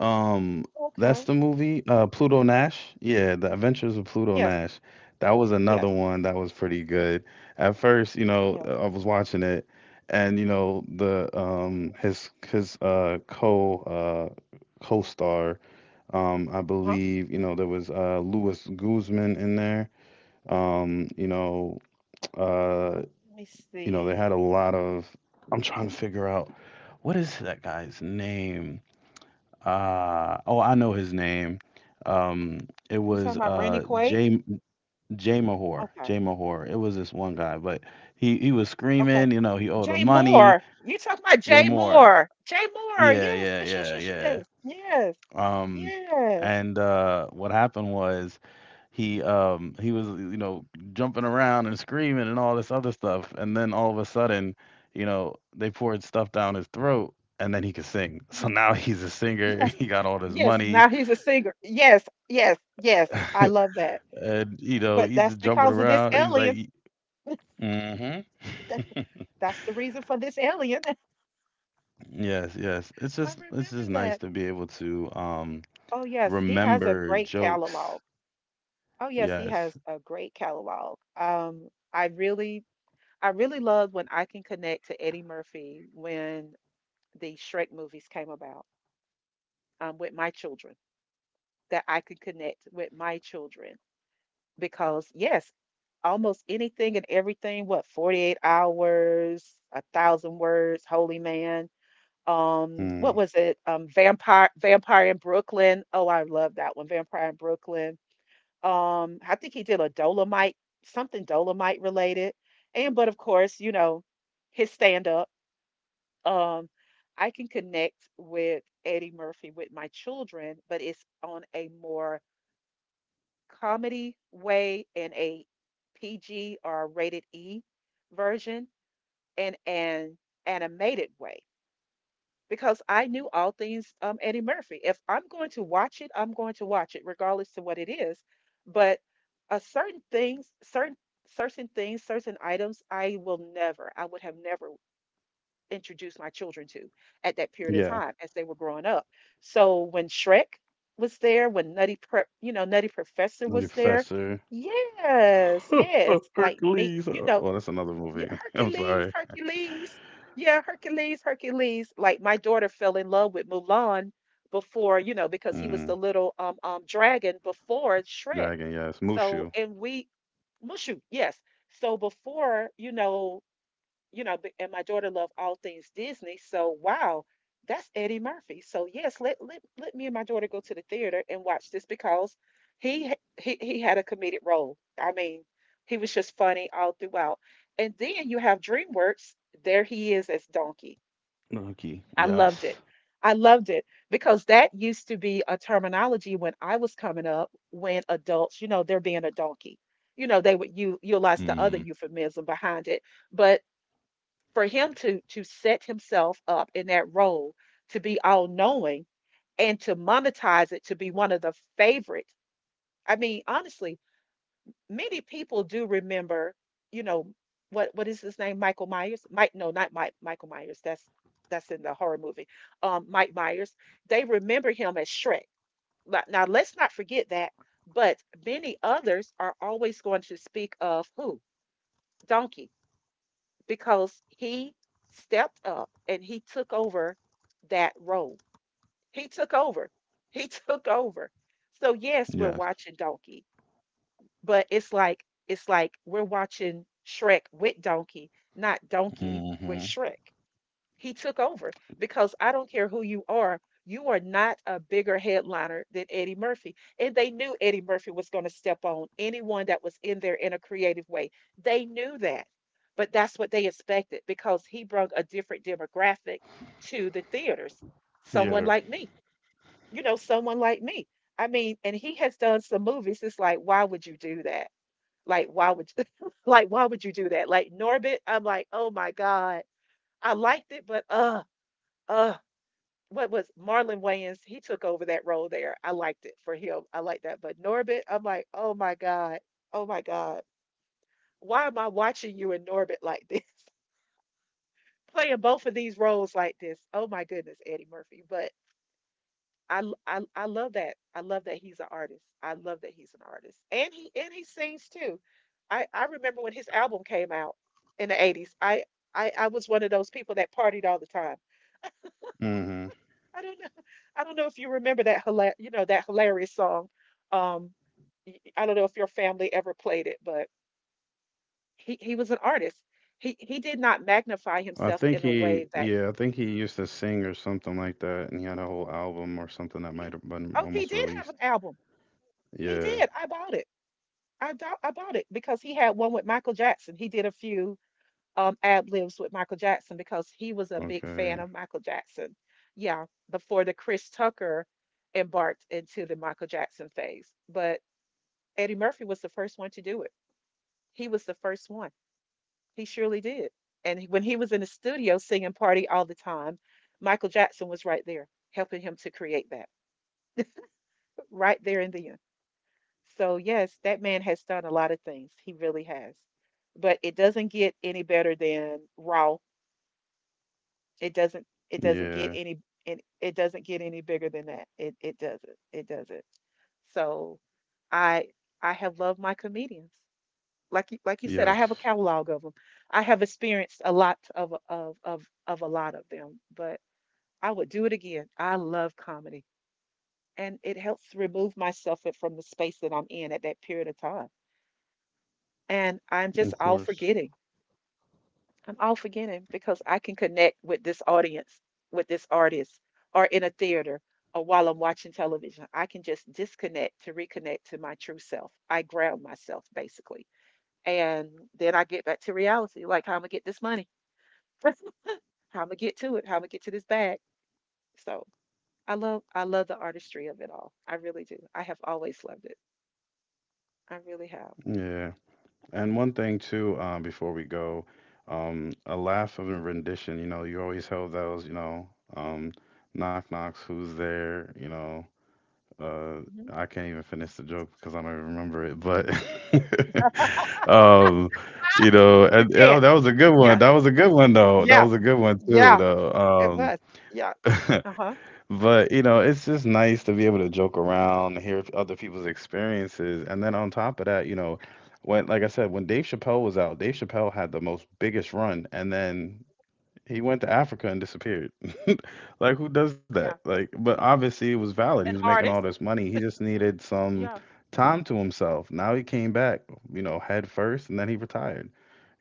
[SPEAKER 2] um,
[SPEAKER 1] Okay.
[SPEAKER 2] that's the movie. Pluto Nash. Yeah, The Adventures of Pluto
[SPEAKER 1] Yes.
[SPEAKER 2] Nash. That was another
[SPEAKER 1] Yes.
[SPEAKER 2] one that was pretty good. At first, you know,
[SPEAKER 1] Yes.
[SPEAKER 2] I was watching it, and you know, the his co uh co-star, I
[SPEAKER 1] Uh-huh.
[SPEAKER 2] believe, you know, there was Louis Guzman in there. Um, you know, uh,
[SPEAKER 1] Let me
[SPEAKER 2] you know, they had
[SPEAKER 1] see.
[SPEAKER 2] a lot of. I'm trying to figure out what is that guy's name. Oh, I know his name. Um, it
[SPEAKER 1] You
[SPEAKER 2] was
[SPEAKER 1] talking about Randy Quaid?
[SPEAKER 2] Jay Mahor.
[SPEAKER 1] Okay.
[SPEAKER 2] Jay Mahor. It was this one guy, but he was
[SPEAKER 1] Okay.
[SPEAKER 2] screaming. You know, he owed him
[SPEAKER 1] Jay
[SPEAKER 2] money.
[SPEAKER 1] Moore. You talking about
[SPEAKER 2] Jay
[SPEAKER 1] Jay
[SPEAKER 2] Moore.
[SPEAKER 1] Moore? Jay Moore.
[SPEAKER 2] Yeah,
[SPEAKER 1] Yes.
[SPEAKER 2] yeah,
[SPEAKER 1] Yes.
[SPEAKER 2] yeah,
[SPEAKER 1] Yes.
[SPEAKER 2] yeah.
[SPEAKER 1] Yes. Yes.
[SPEAKER 2] Um,
[SPEAKER 1] Yes.
[SPEAKER 2] and what happened was he was you know jumping around and screaming and all this other stuff, and then all of a sudden, you know, they poured stuff down his throat. And then he could sing. So
[SPEAKER 1] Yes.
[SPEAKER 2] now he's a singer.
[SPEAKER 1] Yes.
[SPEAKER 2] He got all this
[SPEAKER 1] Yes.
[SPEAKER 2] money.
[SPEAKER 1] Now he's a singer. Yes. Yes. Yes. I love that.
[SPEAKER 2] And you know
[SPEAKER 1] But
[SPEAKER 2] he's
[SPEAKER 1] that's
[SPEAKER 2] just jumping
[SPEAKER 1] because of this
[SPEAKER 2] around. He's
[SPEAKER 1] alien.
[SPEAKER 2] like,
[SPEAKER 1] That,
[SPEAKER 2] mm-hmm.
[SPEAKER 1] that's the reason for this alien.
[SPEAKER 2] Yes, yes.
[SPEAKER 1] I
[SPEAKER 2] It's
[SPEAKER 1] remember
[SPEAKER 2] just nice
[SPEAKER 1] that.
[SPEAKER 2] to be able to
[SPEAKER 1] Oh yes, he has a
[SPEAKER 2] remember
[SPEAKER 1] great catalog.
[SPEAKER 2] jokes.
[SPEAKER 1] Oh yes, he has
[SPEAKER 2] Yes.
[SPEAKER 1] a great catalog. I really love when I can connect to Eddie Murphy when the Shrek movies came about, with my children, that I could connect with my children because yes, almost anything and everything, what, 48 hours, a thousand words, Holy Man. What
[SPEAKER 2] Mm,
[SPEAKER 1] was it? Vampire in Brooklyn. Oh, I love that one. Vampire in Brooklyn. I think he did a Dolomite, something Dolomite related. And but of course, you know, his stand up. Um, I can connect with Eddie Murphy with my children, but it's on a more comedy way and a PG or rated E version and an animated way, because I knew all things Eddie Murphy. If I'm going to watch it, I'm going to watch it, regardless to what it is. But certain things, certain things, certain items, I would have never introduced my children to at that period of
[SPEAKER 2] yeah.
[SPEAKER 1] time as they were growing up. So when Shrek was there, when Nutty Prep, you know, Nutty Professor
[SPEAKER 2] The
[SPEAKER 1] was there.
[SPEAKER 2] Professor.
[SPEAKER 1] Yes, yes, like me,
[SPEAKER 2] Hercules.
[SPEAKER 1] you know,
[SPEAKER 2] Oh, that's another
[SPEAKER 1] yeah,
[SPEAKER 2] movie. I'm
[SPEAKER 1] Hercules,
[SPEAKER 2] sorry.
[SPEAKER 1] Hercules. Yeah, Hercules, Hercules. Like my daughter fell in love with Mulan before, you know,
[SPEAKER 2] Mm,
[SPEAKER 1] because he was the little dragon before
[SPEAKER 2] Dragon,
[SPEAKER 1] Shrek.
[SPEAKER 2] yes. Mushu.
[SPEAKER 1] So, and we Mushu, yes. So before, and my daughter loved all things Disney. So wow, that's Eddie Murphy. So yes, let me and my daughter go to the theater and watch this because he he had a comedic role. I mean, he was just funny all throughout. And then you have DreamWorks. There he is as Donkey.
[SPEAKER 2] Monkey.
[SPEAKER 1] I loved it.
[SPEAKER 2] Yes.
[SPEAKER 1] I loved it because that used to be a terminology when I was coming up when adults, you know, they're being a donkey. You know, they would utilize the other
[SPEAKER 2] Hmm.
[SPEAKER 1] euphemism behind it, but for him to set himself up in that role to be all knowing and to monetize it to be one of the favorites. I mean, honestly, many people do remember, you know, what is his name? Michael Myers? Mike? No, not Mike. Michael Myers. That's in the horror movie. Mike Myers. They remember him as Shrek. Now, now let's not forget that. But many others are always going to speak of who? Donkey, because he stepped up and he took over that role. He took over. He took over. So yes, we're
[SPEAKER 2] Yes.
[SPEAKER 1] watching Donkey, but it's like we're watching Shrek with Donkey, not Donkey with
[SPEAKER 2] Hmm.
[SPEAKER 1] Shrek. He took over because I don't care who you are not a bigger headliner than Eddie Murphy. And they knew Eddie Murphy was going to step on anyone that was in there in a creative way. They knew that. But that's what they expected because he brought a different demographic to the theaters. Someone
[SPEAKER 2] Yeah.
[SPEAKER 1] like me, you know, someone like me. I mean, and he has done some movies. It's like, why would you do that? Like, why would you, like why would you do that? Like Norbit, I'm like, oh my God. I liked it, but uh what was Marlon Wayans? He took over that role there. I liked it for him. I like that. But Norbit, I'm like, oh my God. Oh my God. Why am I watching you in Norbit like this? Playing both of these roles like this. Oh my goodness, Eddie Murphy. But I love that. I love that he's an artist. I love that he's an artist. And he sings too. I remember when his album came out in the 80s. I was one of those people that partied all the time.
[SPEAKER 2] Mm-hmm.
[SPEAKER 1] I don't know. I don't know if you remember that you know that hilarious song. Um, I don't know if your family ever played it, but he was an artist. He did not magnify
[SPEAKER 2] I
[SPEAKER 1] himself
[SPEAKER 2] think
[SPEAKER 1] in a way
[SPEAKER 2] he,
[SPEAKER 1] that
[SPEAKER 2] yeah, I think he used to sing or something like that, and he had a whole album or something that
[SPEAKER 1] oh yeah
[SPEAKER 2] might have been
[SPEAKER 1] oh he
[SPEAKER 2] almost
[SPEAKER 1] did have an
[SPEAKER 2] released.
[SPEAKER 1] album. He
[SPEAKER 2] Yeah.
[SPEAKER 1] did. I bought it. I bought it because he had one with Michael Jackson. He did a few ad libs with Michael Jackson because he was a big fan
[SPEAKER 2] Okay.
[SPEAKER 1] of Michael Jackson. Yeah, before the Chris Tucker embarked into the Michael Jackson phase, but Eddie Murphy was the first one to do it. He was the first one. He surely did. And when he was in the studio singing Party All the Time, Michael Jackson was right there helping him to create that right there and then. So, yes, that man has done a lot of things. He really has. But it doesn't get any better than Raw. It doesn't
[SPEAKER 2] Yeah.
[SPEAKER 1] get any, and it doesn't get any bigger than that. It doesn't. It doesn't. So, I I have loved my comedians. Like like you said,
[SPEAKER 2] Yes.
[SPEAKER 1] I have a catalog of them. I have experienced a lot of a lot of them, but I would do it again. I love comedy, and it helps remove myself from the space that I'm in at that period of time. And I'm
[SPEAKER 2] Of
[SPEAKER 1] just all
[SPEAKER 2] course.
[SPEAKER 1] forgetting. I'm all forgetting because I can connect with this audience, with this artist, or in a theater, or while I'm watching television. I can just disconnect to reconnect to my true self. I ground myself basically, and then I get back to reality. Like, how am I gonna get this money? How I'm gonna get to it? How I'm gonna get to this bag? So I love the artistry of it all. I really do. I have always loved it. I really have.
[SPEAKER 2] Yeah. And one thing too, before we go, a laugh of a rendition. You know, you always held those. You know, um, knock knocks. Who's there? You know, Uh,
[SPEAKER 1] Mhm.
[SPEAKER 2] I can't even finish the joke because I don't even remember it. But um,
[SPEAKER 1] Ah,
[SPEAKER 2] you know,
[SPEAKER 1] you
[SPEAKER 2] oh,
[SPEAKER 1] can't.
[SPEAKER 2] that was a good one.
[SPEAKER 1] Yeah.
[SPEAKER 2] That was a good one though. That
[SPEAKER 1] Yeah.
[SPEAKER 2] was a good one too
[SPEAKER 1] Yeah. It
[SPEAKER 2] though.
[SPEAKER 1] was. Yeah. Uh huh.
[SPEAKER 2] But you know,
[SPEAKER 1] Hmm.
[SPEAKER 2] it's just nice to be able to joke around, hear other people's experiences, and then on top of that, you know, when like I said, when Dave Chappelle was out, Dave Chappelle had the most biggest run, and then he went to Africa and disappeared. Like, who does
[SPEAKER 1] Yeah.
[SPEAKER 2] that? Like, but obviously it was valid. He
[SPEAKER 1] An
[SPEAKER 2] was making all
[SPEAKER 1] artist.
[SPEAKER 2] this money. He just needed some
[SPEAKER 1] Yeah.
[SPEAKER 2] time to himself. Now he came back, you know, head first, and then he retired.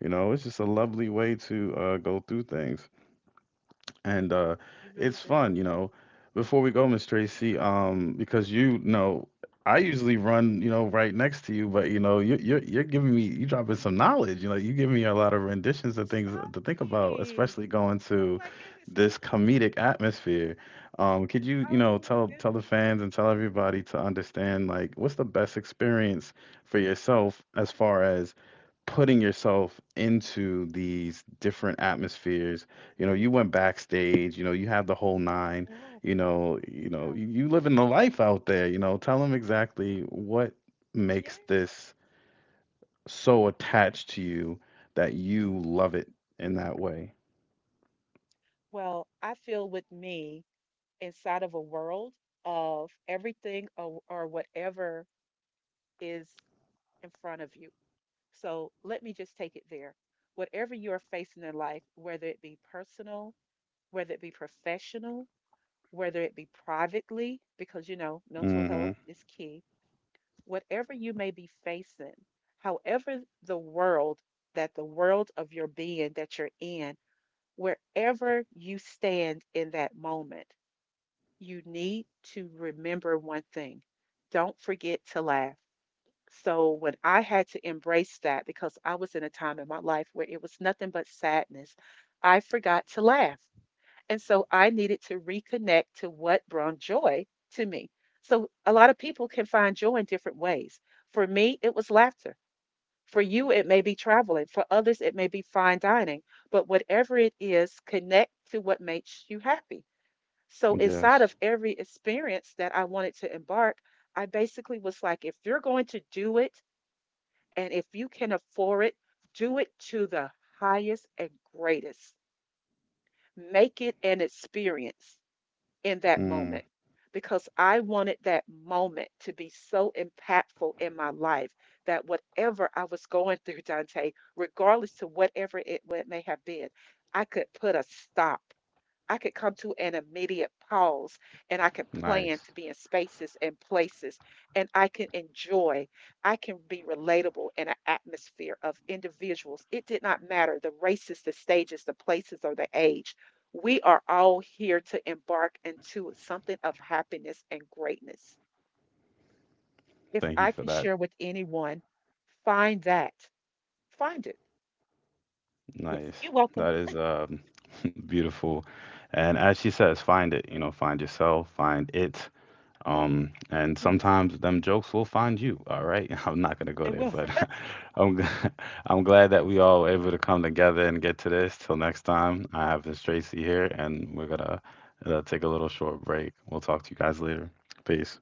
[SPEAKER 2] You know, it's just a
[SPEAKER 1] Yeah.
[SPEAKER 2] lovely way to go through things
[SPEAKER 1] Yeah.
[SPEAKER 2] and
[SPEAKER 1] He really
[SPEAKER 2] it's
[SPEAKER 1] did.
[SPEAKER 2] fun, you know. Before we go, Miss Tracy, because you know, I usually run, you know, right next to you, but you know, you're giving me, you dropping some knowledge, you know, you giving me a lot of renditions
[SPEAKER 1] Oh,
[SPEAKER 2] and things to think about,
[SPEAKER 1] sorry.
[SPEAKER 2] especially going
[SPEAKER 1] Oh
[SPEAKER 2] to
[SPEAKER 1] my goodness.
[SPEAKER 2] this comedic atmosphere. Could you, you know,
[SPEAKER 1] Oh my
[SPEAKER 2] tell
[SPEAKER 1] goodness.
[SPEAKER 2] the fans and tell everybody to understand, like, what's the best experience for yourself as far as putting yourself into these different atmospheres, you know, you went backstage, you know, you have the whole nine,
[SPEAKER 1] Yeah.
[SPEAKER 2] you know,
[SPEAKER 1] Yeah.
[SPEAKER 2] you living the life out there, you know. Tell them exactly what
[SPEAKER 1] Yeah.
[SPEAKER 2] makes this so attached to you that you love it in that way.
[SPEAKER 1] Well, I feel with me inside of a world of everything, or whatever is in front of you. So let me just take it there. Whatever you are facing in life, whether it be personal, whether it be professional, whether it be privately, because you know, mental health
[SPEAKER 2] Mm-hmm.
[SPEAKER 1] is key, whatever you may be facing, however the world, that the world of your being that you're in, wherever you stand in that moment, you need to remember one thing: don't forget to laugh. So, when I had to embrace that because I was in a time in my life where it was nothing but sadness, I forgot to laugh. And so, I needed to reconnect to what brought joy to me. So, a lot of people can find joy in different ways. For me, it was laughter. For you, it may be traveling. For others, it may be fine dining. But whatever it is, connect to what makes you happy. So inside
[SPEAKER 2] Yes.
[SPEAKER 1] of every experience that I wanted to embark, I basically was like, if you're going to do it and if you can afford it, do it to the highest and greatest. Make it an experience in that moment,
[SPEAKER 2] Mm,
[SPEAKER 1] because I wanted that moment to be so impactful in my life that whatever I was going through, Dante, regardless to what it may have been, I could put a stop I could come to an immediate pause, and I can plan to
[SPEAKER 2] nice.
[SPEAKER 1] be in spaces and places, and I can enjoy. I can be relatable in an atmosphere of individuals. It did not matter the races, the stages, the places, or the age. We are all here to embark into something of happiness and greatness. If
[SPEAKER 2] Thank
[SPEAKER 1] I
[SPEAKER 2] you
[SPEAKER 1] can
[SPEAKER 2] for that.
[SPEAKER 1] share with anyone, find that. Find it. Yes.
[SPEAKER 2] Nice.
[SPEAKER 1] You're welcome.
[SPEAKER 2] That is beautiful. And as she says, find it, you know, find yourself, find it.
[SPEAKER 1] Yeah.
[SPEAKER 2] And
[SPEAKER 1] Yes.
[SPEAKER 2] sometimes them jokes will find you. All right, I'm not gonna
[SPEAKER 1] They
[SPEAKER 2] go there,
[SPEAKER 1] will.
[SPEAKER 2] but I'm g- I'm glad that we all were able to come together and get to this. Till next time, I have Miss Tracy here, and we're gonna take a little short break. We'll talk to you guys later. Peace.